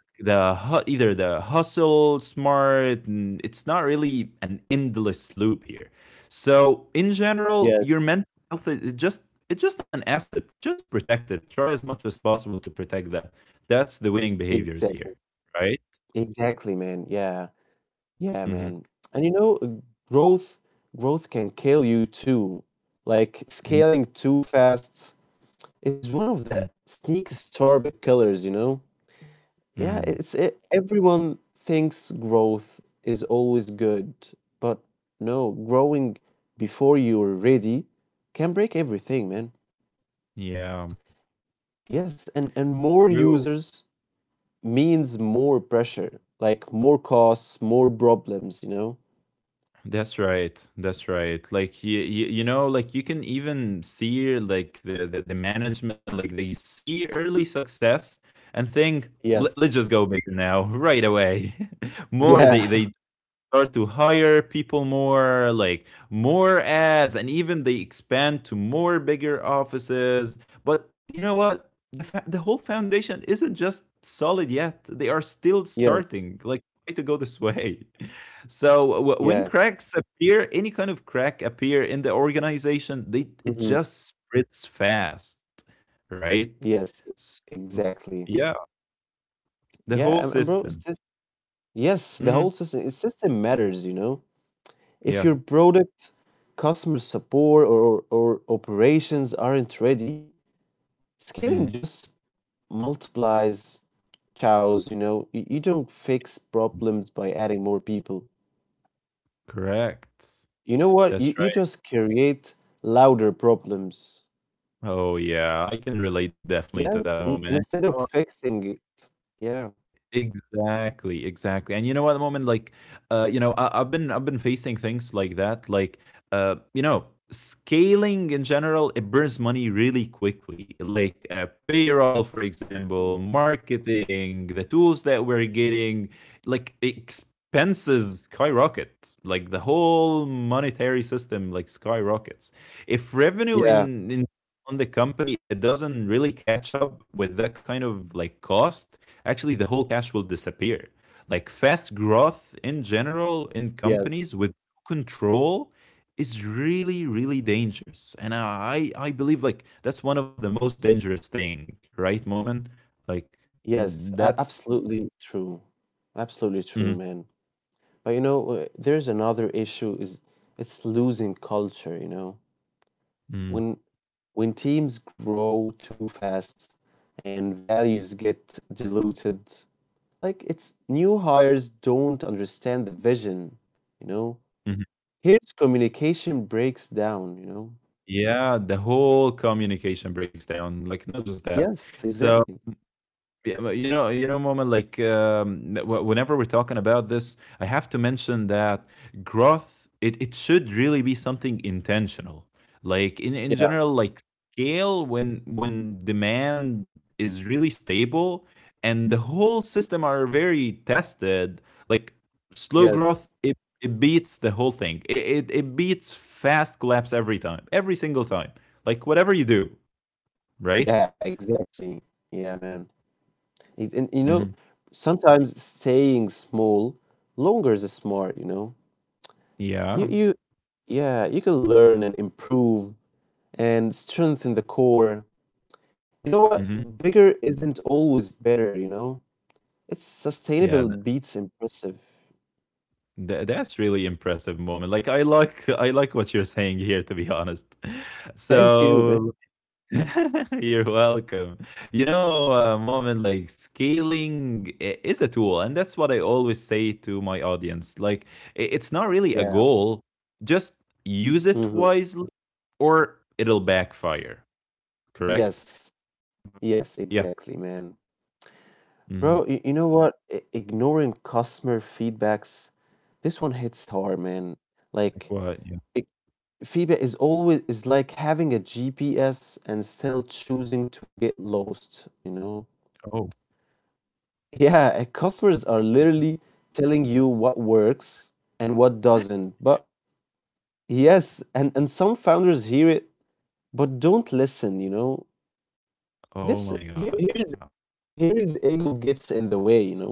Speaker 2: the either the hustle smart, it's not really an endless loop here, so in general your
Speaker 1: yes,
Speaker 2: mental health is just, it's just an asset, just protect it, try as much as possible to protect that, that's the winning behaviors here,
Speaker 1: exactly.
Speaker 2: right?
Speaker 1: Exactly, man. Yeah. Yeah,
Speaker 2: Mm-hmm.
Speaker 1: man. And you know, growth growth can kill you too. Like
Speaker 2: Mm-hmm.
Speaker 1: scaling too fast is one of
Speaker 2: Mm-hmm.
Speaker 1: the sneaky startup killers, you know? Yeah,
Speaker 2: Mm-hmm.
Speaker 1: everyone thinks growth is always good, but no, growing before you're ready can break everything, man.
Speaker 2: Yeah,
Speaker 1: Yes, and more
Speaker 2: true.
Speaker 1: users means more pressure, like more costs, more problems, you know?
Speaker 2: That's right. That's right. Like you know, like you can even see like the management, like they see early success and think, Let's
Speaker 1: Yes.
Speaker 2: just go bigger now," right away. More, they
Speaker 1: Yeah.
Speaker 2: they start to hire people more, like more ads, and even they expand to more bigger offices. But you know what? The whole foundation isn't just solid yet. They are still
Speaker 1: Yes.
Speaker 2: starting. Like way to go this way. So when
Speaker 1: Yeah.
Speaker 2: cracks appear, any kind of crack appear in the organization, they it
Speaker 1: Mhm.
Speaker 2: just spreads fast, right?
Speaker 1: Yes,
Speaker 2: S-
Speaker 1: exactly.
Speaker 2: yeah, the whole
Speaker 1: Yeah, and bro,
Speaker 2: system.
Speaker 1: sys- yes, the
Speaker 2: Mm-hmm.
Speaker 1: whole system is- system matters, you know. If
Speaker 2: Yeah.
Speaker 1: your product, customer support, or operations aren't ready,
Speaker 2: Mm-hmm.
Speaker 1: scaling just multiplies chows, you know. You don't fix problems by adding more people.
Speaker 2: Correct.
Speaker 1: You know what?
Speaker 2: That's,
Speaker 1: You just create louder problems.
Speaker 2: oh, yeah, I can relate definitely to that
Speaker 1: Yes,
Speaker 2: moment.
Speaker 1: instead of fixing it. Yeah.
Speaker 2: Exactly, exactly. And you know what, moment like, you know, I've been facing things like that, like, you know, scaling in general, it burns money really quickly. Like payroll, for
Speaker 1: Mm.
Speaker 2: example, marketing, the tools that we're getting, like expenses skyrocket. Like the whole monetary system, like skyrockets. If revenue
Speaker 1: Yeah.
Speaker 2: in on the company, it doesn't really catch up with that kind of like cost, actually the whole cash will disappear. Like fast growth in general in
Speaker 1: Yes.
Speaker 2: companies with no control is really really dangerous, and I believe like that's one of the most dangerous thing, right moment, like
Speaker 1: Yes,
Speaker 2: that's,
Speaker 1: absolutely true. Absolutely
Speaker 2: mhm,
Speaker 1: true, man. But you know, there's another issue is it's losing culture, you know.
Speaker 2: mhm,
Speaker 1: When when teams grow too fast and values get diluted, like it's new hires don't understand the vision, you know.
Speaker 2: mhm.
Speaker 1: Here's communication breaks down, you know.
Speaker 2: Yeah, the whole communication breaks down, like not just that.
Speaker 1: Yes,
Speaker 2: So
Speaker 1: exactly.
Speaker 2: yeah, but you know, moment like whenever we're talking about this, I have to mention that growth, it should really be something intentional. Like in
Speaker 1: Yeah,
Speaker 2: general, like scale when demand is really stable and the whole system are very tested. Like slow
Speaker 1: yes.
Speaker 2: growth, it beats the whole thing. It beats fast collapse every time, every single time. Like whatever you do, right?
Speaker 1: Yeah, exactly. Yeah, man. And you know,
Speaker 2: Hmm.
Speaker 1: sometimes staying small longer is smart, you know. You
Speaker 2: Yeah.
Speaker 1: you yeah, you can learn and improve and strengthen the core. You know
Speaker 2: Hmm.
Speaker 1: what? Bigger isn't always better, you know? It's sustainable
Speaker 2: Yeah.
Speaker 1: beats impressive.
Speaker 2: That's really impressive moment. Like I like what you're saying here to be honest.
Speaker 1: Thank you, man.
Speaker 2: So you're welcome. You know, moment like scaling is a tool, and that's what I always say to my audience. Like it's not really a
Speaker 1: Yeah.
Speaker 2: goal. Just use it
Speaker 1: Hmm.
Speaker 2: wisely or it'll backfire, correct?
Speaker 1: Yes.
Speaker 2: Um,
Speaker 1: Yes,
Speaker 2: Yeah.
Speaker 1: exactly, man.
Speaker 2: Hmm.
Speaker 1: Bro, you know what? Ignoring customer feedbacks, this one hits hard, man.
Speaker 2: Like
Speaker 1: Like
Speaker 2: what? Yeah.
Speaker 1: Phoebe is always is like having a GPS and still choosing to get lost, you know?
Speaker 2: Oh.
Speaker 1: Yeah, customers are
Speaker 2: Yeah,
Speaker 1: literally telling you what works and what doesn't.
Speaker 2: yeah.
Speaker 1: But yes, and some founders hear it but don't listen, you know?
Speaker 2: Oh
Speaker 1: This
Speaker 2: my
Speaker 1: here
Speaker 2: god. Yeah.
Speaker 1: here is ego gets in the way, you know?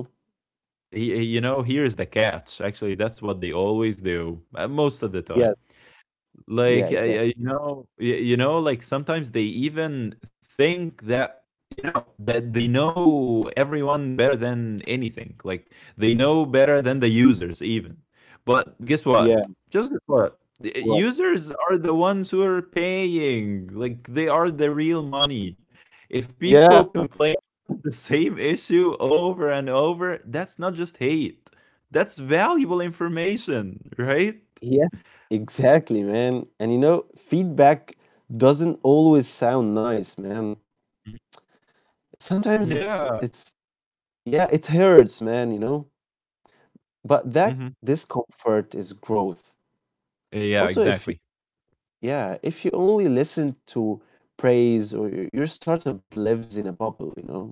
Speaker 2: You know, here's the catch. Actually, that's what they always do, most of the time.
Speaker 1: Yes. Yeah,
Speaker 2: Like, I
Speaker 1: exactly.
Speaker 2: you know y you know, like, sometimes they even think that, you know, that they know everyone better than anything. Like, they know better than the users even. But guess
Speaker 1: Yeah,
Speaker 2: what? Just guess what? The
Speaker 1: what?
Speaker 2: users are the ones who are paying. Like, they are the real money. If people
Speaker 1: Yeah.
Speaker 2: complain about the same issue over and over, that's not just hate. That's valuable information, right?
Speaker 1: Yes, exactly, man. And you know, feedback doesn't always sound nice, man.
Speaker 2: Mhm.
Speaker 1: Sometimes it's
Speaker 2: Yeah.
Speaker 1: it's yeah, it hurts, man, you know? But that
Speaker 2: Mhm.
Speaker 1: discomfort is growth.
Speaker 2: Yeah,
Speaker 1: Also, if you,
Speaker 2: exactly.
Speaker 1: yeah, if you only listen to praise or your startup lives in a bubble, you know?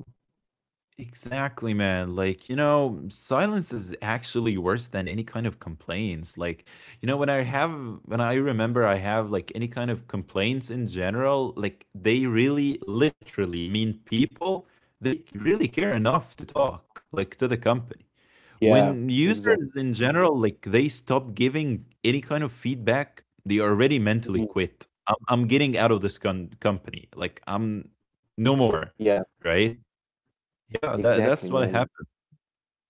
Speaker 2: Exactly, man. Like, you know, silence is actually worse than any kind of complaints. Like, you know, when I remember I have like any kind of complaints in general, like they really literally mean people, they really care enough to talk, like to the company.
Speaker 1: Yeah,
Speaker 2: When
Speaker 1: exactly.
Speaker 2: users in general, like they stop giving any kind of feedback, they already mentally quit. I'm getting out of this company. Like, I'm no more,
Speaker 1: Yeah,
Speaker 2: right? Yeah, that
Speaker 1: exactly,
Speaker 2: that's what
Speaker 1: man.
Speaker 2: happened.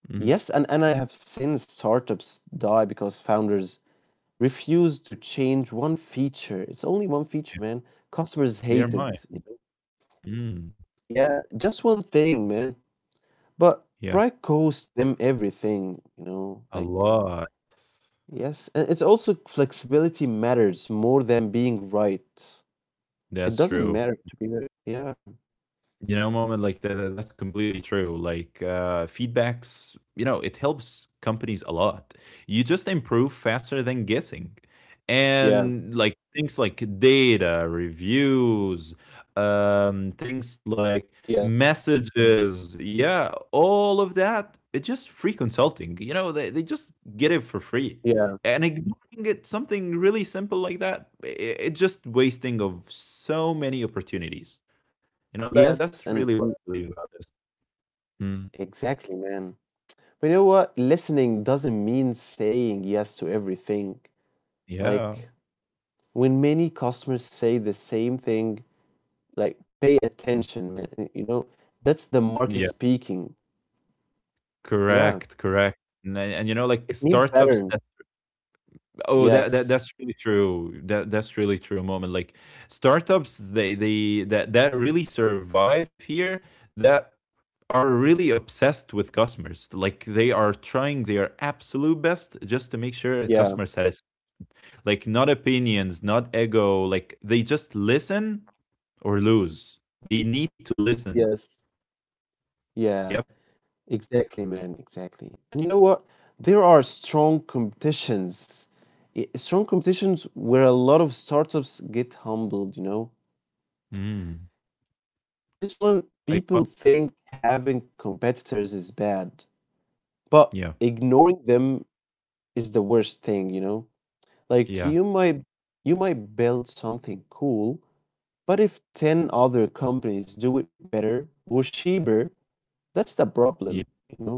Speaker 2: Mhm.
Speaker 1: Yes, and I have seen startups die because founders refuse to change one feature. It's only one feature, man. Customers
Speaker 2: They
Speaker 1: hate
Speaker 2: are mine.
Speaker 1: it, you know?
Speaker 2: Mm,
Speaker 1: Yeah, just one thing, man. But
Speaker 2: yeah,
Speaker 1: pride costs them everything, you know, like
Speaker 2: a lot.
Speaker 1: yes, and it's also flexibility matters more than being right. It
Speaker 2: That's
Speaker 1: doesn't matter
Speaker 2: true.
Speaker 1: to be right. Yeah.
Speaker 2: You know moment like that, that's completely true, like feedbacks, you know, it helps companies a lot, you just improve faster than guessing,
Speaker 1: Yeah.
Speaker 2: and like things like data reviews, um, things like
Speaker 1: Yes.
Speaker 2: messages, yeah, all of that, it's just free consulting, you know, they just get it for free,
Speaker 1: Yeah.
Speaker 2: and ignoring it something really simple like that, it's just wasting of so many opportunities, you know, that that's
Speaker 1: Yes,
Speaker 2: really what I
Speaker 1: and
Speaker 2: believe about this. Mm.
Speaker 1: exactly, man. But you know what? Listening doesn't mean saying yes to everything.
Speaker 2: Yeah.
Speaker 1: Like when many customers say the same thing, like pay
Speaker 2: Mhm.
Speaker 1: attention, man. You know, that's the market
Speaker 2: Yeah.
Speaker 1: speaking. Yeah.
Speaker 2: Correct, correct. And, and you know,
Speaker 1: It
Speaker 2: like
Speaker 1: means
Speaker 2: startups
Speaker 1: pattern.
Speaker 2: that, oh that, that
Speaker 1: Yes.
Speaker 2: that's really true. That that's really true moment. Like startups they that that really survive here that are really obsessed with customers. Like they are trying their absolute best just to make sure
Speaker 1: Yeah.
Speaker 2: customer satisfied. Like not opinions, not ego. Like they just listen or lose. They need to listen.
Speaker 1: Yes. Yeah.
Speaker 2: Yep.
Speaker 1: Exactly, man. Exactly. And you know what? There are strong competitions. Strong competitions where a lot of startups get humbled, you know?
Speaker 2: Mm.
Speaker 1: This one,
Speaker 2: Like
Speaker 1: people
Speaker 2: what?
Speaker 1: think having competitors is bad, but
Speaker 2: Yeah.
Speaker 1: ignoring them is the worst thing, you know? Like
Speaker 2: Yeah.
Speaker 1: you might build something cool, but if 10 other companies do it better or cheaper, that's the
Speaker 2: Yeah.
Speaker 1: problem, you know?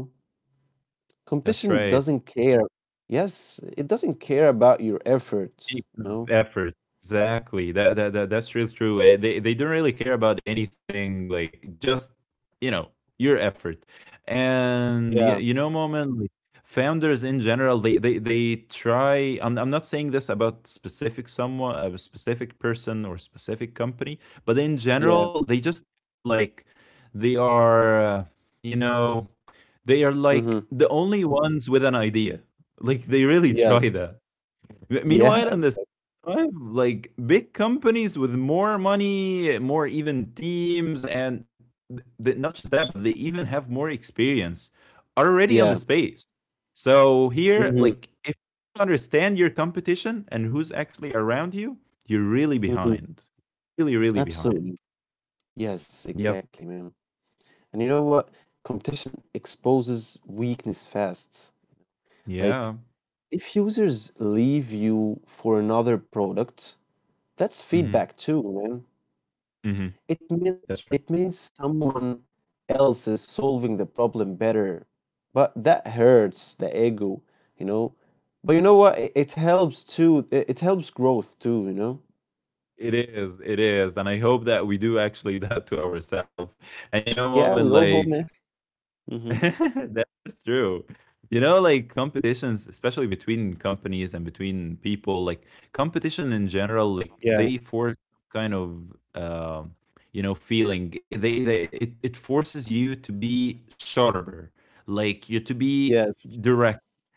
Speaker 2: That's
Speaker 1: Competition
Speaker 2: right.
Speaker 1: doesn't care. Yes, it doesn't care about your effort,
Speaker 2: Peak
Speaker 1: you
Speaker 2: of
Speaker 1: know?
Speaker 2: effort. Exactly. That, that's real true. Eh, they don't really care about anything like just you know your effort. And you,
Speaker 1: Yeah,
Speaker 2: you know, moment like founders in general, they try. I'm not saying this about specific someone, a specific person or specific company, but in
Speaker 1: yeah.
Speaker 2: general, they just like they are you know they are like
Speaker 1: Mm-hmm.
Speaker 2: the only ones with an idea. Like they really try
Speaker 1: Yes.
Speaker 2: that.
Speaker 1: Yeah,
Speaker 2: Meanwhile, in this
Speaker 1: exactly.
Speaker 2: time, like big companies with more money, more even teams, and not just that, but they even have more experience are already on the
Speaker 1: Yeah.
Speaker 2: space. So here,
Speaker 1: Mm-hmm.
Speaker 2: like, if you understand your competition and who's actually around you, you're really
Speaker 1: Mm-hmm.
Speaker 2: behind. Really, really behind.
Speaker 1: Absolutely. Yes,
Speaker 2: Yep.
Speaker 1: exactly, man. And you know what? Competition exposes weakness fast. Like,
Speaker 2: Yeah.
Speaker 1: if users leave you for another product, that's
Speaker 2: hmm
Speaker 1: feedback too, man.
Speaker 2: hmm
Speaker 1: It mean
Speaker 2: That's right.
Speaker 1: it means someone else is solving the problem better, but that hurts the ego, you know. But you know what? It helps too. It helps growth too, you know.
Speaker 2: It is. It is. And I hope that we do actually that to ourselves. And you know,
Speaker 1: Yeah, we
Speaker 2: moment
Speaker 1: all hope,
Speaker 2: like
Speaker 1: man. Hmm.
Speaker 2: That's true. You know, like competitions, especially between companies and between people, like competition in general, like
Speaker 1: Yeah.
Speaker 2: they force kind of, feeling. It forces you to be sharper, like you to be
Speaker 1: Yes.
Speaker 2: direct.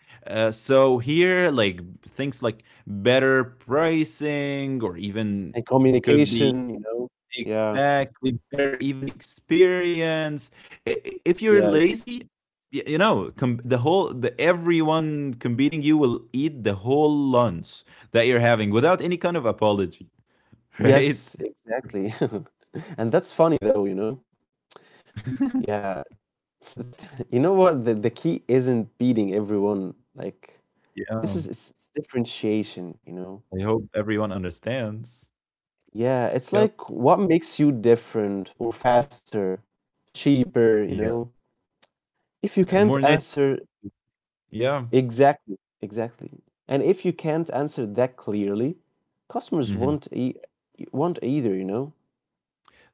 Speaker 2: So here, like things like better pricing, or even
Speaker 1: And
Speaker 2: could be
Speaker 1: communication, you know. Yeah.
Speaker 2: Exactly, better even experience. I- If you're
Speaker 1: Yes.
Speaker 2: lazy, you know, the whole the everyone competing you will eat the whole lunch that you're having without any kind of apology, right?
Speaker 1: Yes. Exactly. And that's funny though, you know. Yeah. You know what? The key isn't beating everyone. Like this
Speaker 2: Yeah,
Speaker 1: is it's differentiation, you know.
Speaker 2: I hope everyone understands.
Speaker 1: Yeah, it's
Speaker 2: Yep.
Speaker 1: like what makes you different or faster, cheaper, you
Speaker 2: Yeah.
Speaker 1: know? If you
Speaker 2: And
Speaker 1: can't
Speaker 2: more net.
Speaker 1: answer
Speaker 2: Yeah.
Speaker 1: Exactly, exactly. And if you can't answer that clearly, customers
Speaker 2: Hmm.
Speaker 1: won't either, you know?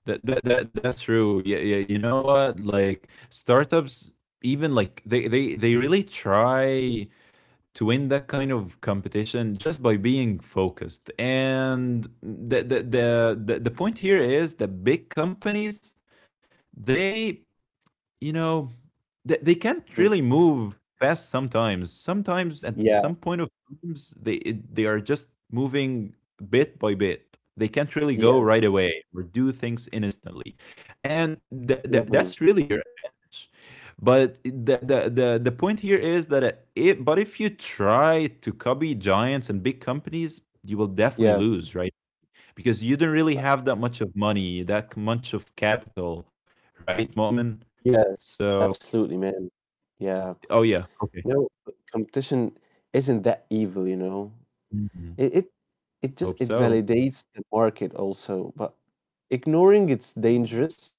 Speaker 2: That's true. Yeah, yeah. You know what? Like startups, even like they really try to win that kind of competition just by being focused. And the point here is that big companies they you know, they can't
Speaker 1: Mhm.
Speaker 2: really move fast sometimes. Sometimes at
Speaker 1: Yeah,
Speaker 2: some point of times they are just moving bit by bit. They can't really go
Speaker 1: yes.
Speaker 2: right away or do things instantly, and
Speaker 1: Hmm.
Speaker 2: that's really your advantage. But the point here is that it. But if you try to copy giants and big companies, you will definitely
Speaker 1: Yeah,
Speaker 2: lose, right? Because you don't really have that much of money, much of capital, right, Mu'min?
Speaker 1: yes,
Speaker 2: So,
Speaker 1: absolutely, man. Yeah.
Speaker 2: oh yeah, okay.
Speaker 1: No, competition isn't that evil, you know?
Speaker 2: Mhm.
Speaker 1: It it, it just
Speaker 2: Hope
Speaker 1: it
Speaker 2: so.
Speaker 1: validates the market also, but ignoring it's dangerous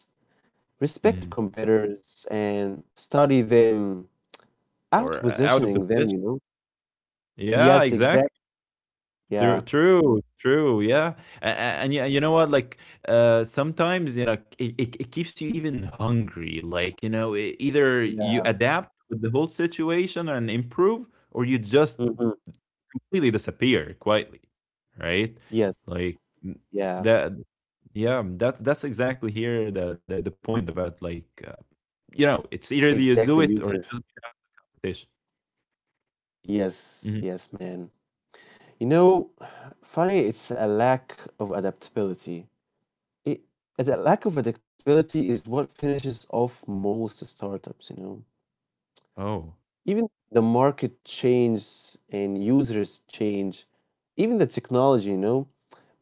Speaker 1: respect
Speaker 2: Hmm.
Speaker 1: competitors and study them,
Speaker 2: Or out of
Speaker 1: outpositioning them,
Speaker 2: position.
Speaker 1: you know?
Speaker 2: Yeah,
Speaker 1: Yes, exactly.
Speaker 2: exactly. True,
Speaker 1: Yeah,
Speaker 2: true, true. Yeah, A- a- and yeah, you know what? Like, sometimes it keeps you even hungry. Like, you know, either
Speaker 1: yeah.
Speaker 2: you adapt with the whole situation and improve, or you just
Speaker 1: Hmm.
Speaker 2: completely disappear quietly, right?
Speaker 1: Yes,
Speaker 2: Like n-
Speaker 1: yeah,
Speaker 2: that, yeah, that's exactly here the point about like it's either you
Speaker 1: exactly,
Speaker 2: do it or it
Speaker 1: Yusuf.
Speaker 2: just get out of the competition.
Speaker 1: Yes,
Speaker 2: Mhm.
Speaker 1: yes, man. You know, funny, it's a lack of adaptability. It, the lack of adaptability is what finishes off most startups, you know?
Speaker 2: Oh,
Speaker 1: Even the market changes and users change, even the technology, you know?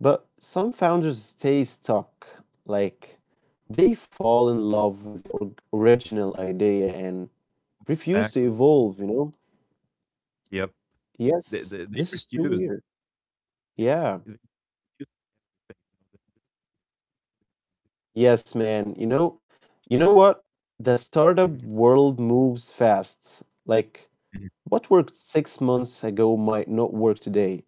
Speaker 1: But some founders stay stuck, like they fall in love with the original idea and refuse to
Speaker 2: exactly.
Speaker 1: evolve, you know?
Speaker 2: Yep.
Speaker 1: Yes,
Speaker 2: They
Speaker 1: this is too
Speaker 2: refuse.
Speaker 1: weird.
Speaker 2: Yeah.
Speaker 1: Yeah.
Speaker 2: They refuse everything.
Speaker 1: Yes, man. You know what? The startup world moves fast. Like
Speaker 2: Mhm, mhm.
Speaker 1: what worked 6 months ago might not work today,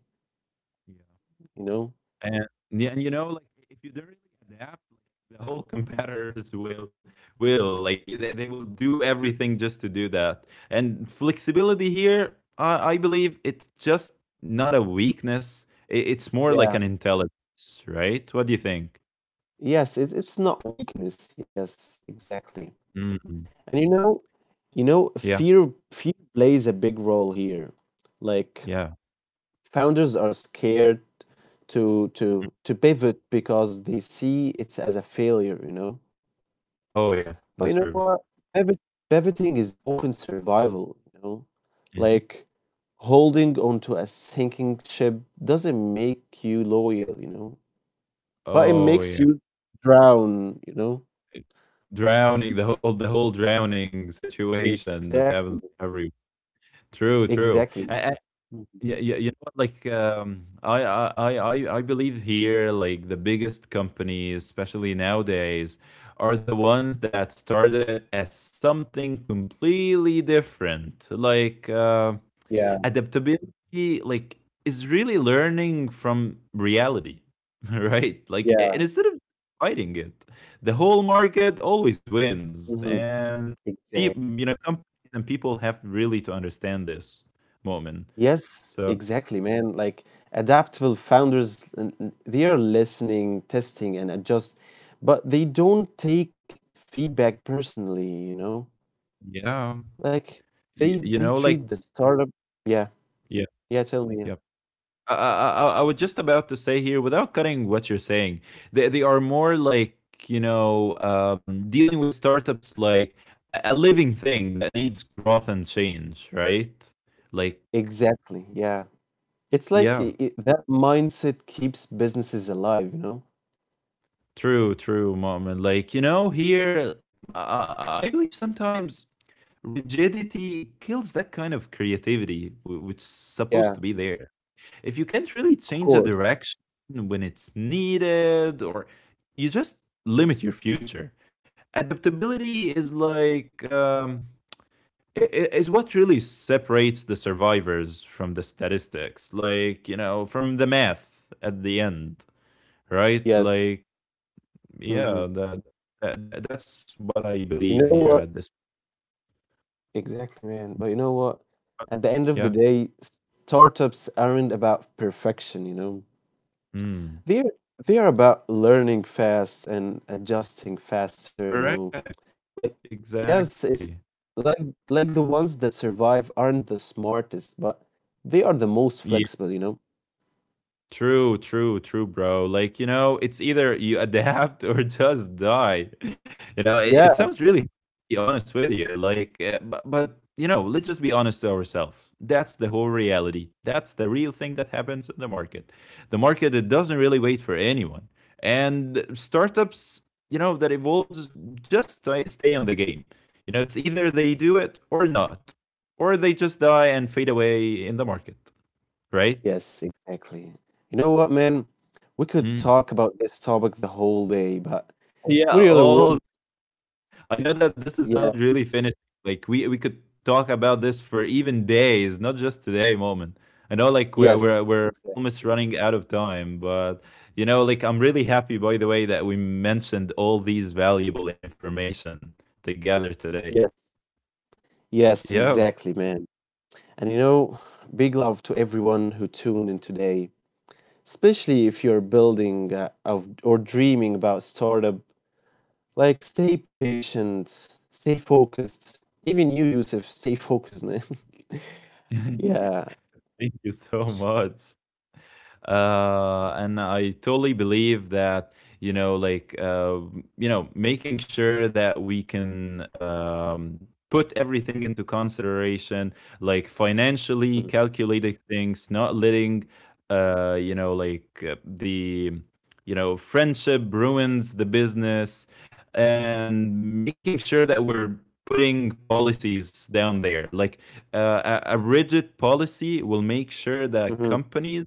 Speaker 2: Yeah.
Speaker 1: you know?
Speaker 2: And yeah, and you know, like if you don't really adapt, like the whole competitors will they will do everything just to do that. And flexibility here, I believe it's just not a weakness. It's more
Speaker 1: Yeah.
Speaker 2: like an intelligence, right? What do you think?
Speaker 1: Yes, it, it's not weakness. Yes, exactly.
Speaker 2: Mhm.
Speaker 1: And you know,
Speaker 2: Yeah,
Speaker 1: fear plays a big role here. Like
Speaker 2: yeah.
Speaker 1: founders are scared to to pivot because they see it's as a failure, you know.
Speaker 2: Oh yeah,
Speaker 1: But you
Speaker 2: that's
Speaker 1: know
Speaker 2: true.
Speaker 1: what? Pivot, Pivoting is often survival, you know.
Speaker 2: Mhm.
Speaker 1: Like holding onto a sinking ship doesn't make you loyal, you know. But it
Speaker 2: Oh
Speaker 1: makes
Speaker 2: yeah,
Speaker 1: you drown, you know.
Speaker 2: It- drowning the whole drowning situation that
Speaker 1: Exactly.
Speaker 2: happens every. True, true.
Speaker 1: Exactly. Mhm.
Speaker 2: Yeah, yeah, you know what? Like, I believe here, like the biggest companies, especially nowadays, are the ones that started as something completely different. Like,
Speaker 1: Yeah.
Speaker 2: adaptability, like, is really learning from reality, right? Like, and
Speaker 1: Yeah.
Speaker 2: instead of fighting it, the whole market always wins,
Speaker 1: Hmm.
Speaker 2: and people,
Speaker 1: Exactly.
Speaker 2: you know, companies and people have really to understand this moment.
Speaker 1: Yes,
Speaker 2: So.
Speaker 1: exactly, man. Like adaptable founders, they are listening, testing, and adjust, but they don't take feedback personally, you know?
Speaker 2: Yeah.
Speaker 1: Like
Speaker 2: Y
Speaker 1: they
Speaker 2: you know,
Speaker 1: treat
Speaker 2: like
Speaker 1: the startup. Yeah,
Speaker 2: yeah,
Speaker 1: yeah, tell me. Yeah.
Speaker 2: yeah. I was just about to say here, without cutting what you're saying, they are more like, dealing with startups like a living thing that needs growth and change, right? Like,
Speaker 1: Exactly, yeah. It's like
Speaker 2: yeah,
Speaker 1: I that mindset keeps businesses alive, you know?
Speaker 2: true, true, mom. And like, you know, here, I believe sometimes rigidity kills that kind of creativity, which is
Speaker 1: Yeah,
Speaker 2: supposed to be there. If you can't really
Speaker 1: of
Speaker 2: change the
Speaker 1: course.
Speaker 2: direction when it's needed or you just limit your future. Adaptability is like is what really separates the survivors from the statistics, like you know, from the math at the end, right?
Speaker 1: Yes.
Speaker 2: Like
Speaker 1: Mm-hmm.
Speaker 2: yeah, that that's what I
Speaker 1: You
Speaker 2: believe
Speaker 1: know
Speaker 2: here
Speaker 1: what?
Speaker 2: at this
Speaker 1: Exactly, man. But you know what?
Speaker 2: point.
Speaker 1: At the end of the
Speaker 2: Yeah,
Speaker 1: day, startups aren't about perfection, you know.
Speaker 2: mm.
Speaker 1: They're they are about learning fast and adjusting faster, you know.
Speaker 2: Correct,
Speaker 1: Like yes,
Speaker 2: exactly.
Speaker 1: it's like the ones that survive aren't the smartest, but they are the most flexible, you know.
Speaker 2: True, true, true, bro. Like, you know, it's either you adapt or just die. You know, it
Speaker 1: Yeah.
Speaker 2: sounds really be honest with you. Like, but, you know, let's just be honest to ourselves. That's the whole reality. That's the real thing that happens in the market. The market, it doesn't really wait for anyone. And startups, you know, that evolves just stay on the game. You know, it's either they do it or not, or they just die and fade away in the market, right?
Speaker 1: Yes, exactly. You know what, man? We could talk
Speaker 2: Mm.
Speaker 1: about this topic the whole day, but we
Speaker 2: Yeah,
Speaker 1: really went.
Speaker 2: all I know that this is
Speaker 1: Yeah.
Speaker 2: not really finished. Like we could talk about this for even days, not just today moment. I know like we're
Speaker 1: Yes.
Speaker 2: we're we're
Speaker 1: Exactly.
Speaker 2: almost running out of time, but you know, like I'm really happy by the way that we mentioned all these valuable information together today.
Speaker 1: Yes. Yes,
Speaker 2: Yeah.
Speaker 1: exactly, man. And you know, big love to everyone who tuned in today, especially if you're building or dreaming about startup. Like, stay patient, stay focused. Even you, Yusuf, stay focused, man.
Speaker 2: Thank
Speaker 1: Yeah.
Speaker 2: you so much. And I totally believe that you know, like uh, making sure that we can. Put everything into consideration, like financially
Speaker 1: Mm,
Speaker 2: calculated things, not letting the friendship ruins the business, and making sure that we're putting policies down there. Like a rigid policy will make sure that
Speaker 1: Mm-hmm.
Speaker 2: companies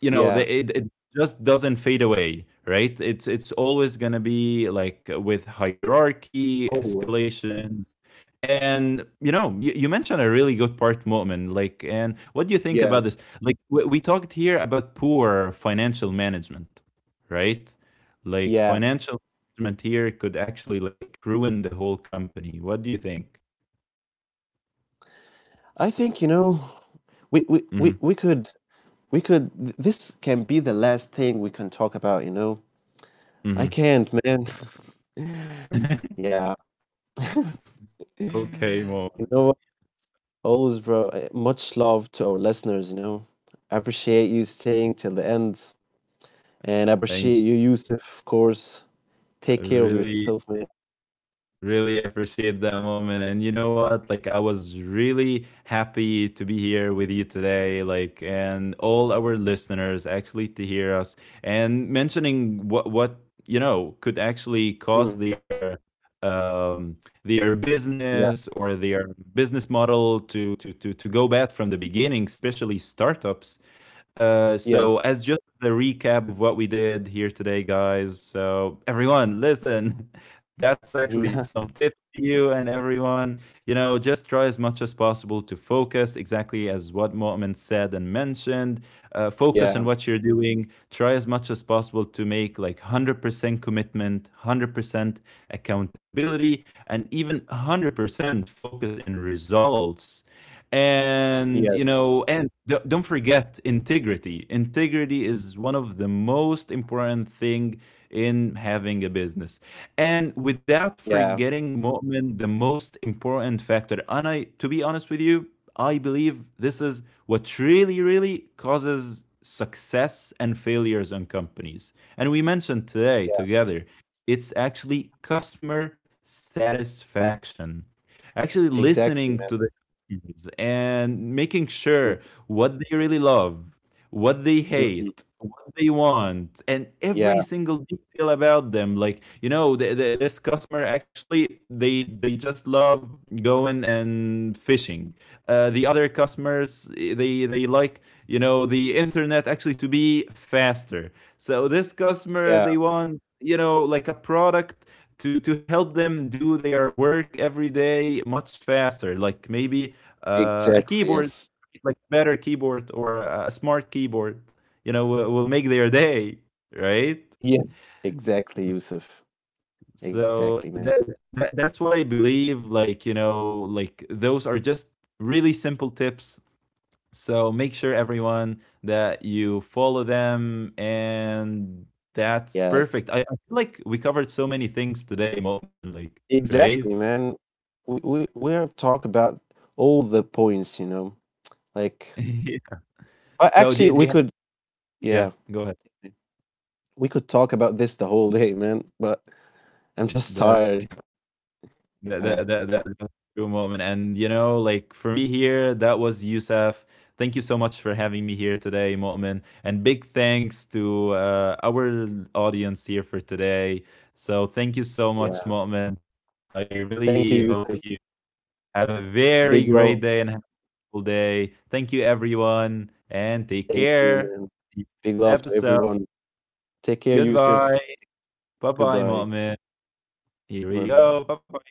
Speaker 1: Yeah.
Speaker 2: it just doesn't fade away, right? It's always going to be like with hierarchy
Speaker 1: Always.
Speaker 2: escalations. And you know, you mentioned a really good part moment. Like, and what do you think about
Speaker 1: Yeah.
Speaker 2: this? Like we talked here about poor financial management, right? Like
Speaker 1: Yeah.
Speaker 2: financial management here could actually like ruin the whole company. What do you think?
Speaker 1: I
Speaker 2: So,
Speaker 1: think, you know, we, we,
Speaker 2: mm-hmm,
Speaker 1: we, we could, this can be the last thing we can talk about, you know? I can't, man.
Speaker 2: mm-hmm.
Speaker 1: Yeah.
Speaker 2: Okay
Speaker 1: You
Speaker 2: moment.
Speaker 1: know what? Always, bro. Much love to our listeners, you know. I appreciate you staying till the end. And I
Speaker 2: Thank.
Speaker 1: appreciate you, Yusuf, of course. Take care of
Speaker 2: Really
Speaker 1: yourself, man.
Speaker 2: really appreciate that moment. And you know what? Like I was really happy to be here with you today, like, and all our listeners actually to hear us and mentioning what you know could actually
Speaker 1: Mm.
Speaker 2: cause their
Speaker 1: Yeah.
Speaker 2: business or their business model to go bad from the beginning, especially startups. So,
Speaker 1: Yes.
Speaker 2: as just a recap of what we did here today, guys. So, everyone, listen, that's actually
Speaker 1: Yeah.
Speaker 2: some tips to you and everyone. You know, just try as much as possible to focus, exactly as what Mu'min said and mentioned. Focus on
Speaker 1: Yeah.
Speaker 2: what you're doing. Try as much as possible to make like 100% commitment, 100% accountability, and even 100% focus in results. And you
Speaker 1: Yes.
Speaker 2: know, and don't forget integrity. Integrity is one of the most important thing in having a business. And without
Speaker 1: Yeah.
Speaker 2: forgetting Mu'min, the most important factor, and I to be honest with you, I believe this is what really really causes success and failures on companies, and we mentioned today
Speaker 1: Yeah.
Speaker 2: together, it's actually customer satisfaction. Actually
Speaker 1: Exactly,
Speaker 2: listening
Speaker 1: man.
Speaker 2: to the customers and making sure
Speaker 1: Mm.
Speaker 2: what they really love, what they
Speaker 1: Mhm.
Speaker 2: hate, what they want, and every
Speaker 1: Yeah.
Speaker 2: single detail about them. Like, you know, this customer actually they just love going and fishing. The other customers they like you know the internet actually to be faster. So this customer
Speaker 1: Yeah.
Speaker 2: they want you know like a product to help them do their work every day much faster, like maybe a
Speaker 1: Exactly.
Speaker 2: keyboard,
Speaker 1: Yes.
Speaker 2: like better keyboard, or a smart keyboard, you know, will make their day, right?
Speaker 1: Yes. Exactly, Yusuf. Exactly,
Speaker 2: So
Speaker 1: man.
Speaker 2: that, that's what I believe. Like, you know, like those are just really simple tips. So make sure everyone that you follow them, and that's
Speaker 1: Yes.
Speaker 2: perfect. I feel like we covered so many things today, Mo'min, like, right?
Speaker 1: Exactly, man. We have talked about all the points, you know. Like
Speaker 2: Yeah. So
Speaker 1: Actually,
Speaker 2: do,
Speaker 1: we could yeah,
Speaker 2: yeah, go ahead.
Speaker 1: we could talk about this the whole day, man, but I'm just
Speaker 2: That's
Speaker 1: tired.
Speaker 2: that
Speaker 1: Yeah.
Speaker 2: that that that that's true, Mo'min. And you know, like for me here, that was Yusuf. Thank you so much for having me here today, Mo'min. And big thanks to our audience here for today. So thank you so much,
Speaker 1: Yeah.
Speaker 2: Mo'min. I
Speaker 1: Thank you,
Speaker 2: really hope
Speaker 1: Yusuf.
Speaker 2: you have a very
Speaker 1: Big
Speaker 2: great
Speaker 1: love.
Speaker 2: day and helpful day. Thank you, everyone, and take
Speaker 1: Thank you,
Speaker 2: care.
Speaker 1: man.
Speaker 2: See you
Speaker 1: Big
Speaker 2: next
Speaker 1: love to
Speaker 2: episode.
Speaker 1: everyone. Take care,
Speaker 2: Goodbye.
Speaker 1: Yusuf.
Speaker 2: Bye bye,
Speaker 1: Goodbye.
Speaker 2: Mu'min. Here we
Speaker 1: Bye-bye.
Speaker 2: go. Bye bye.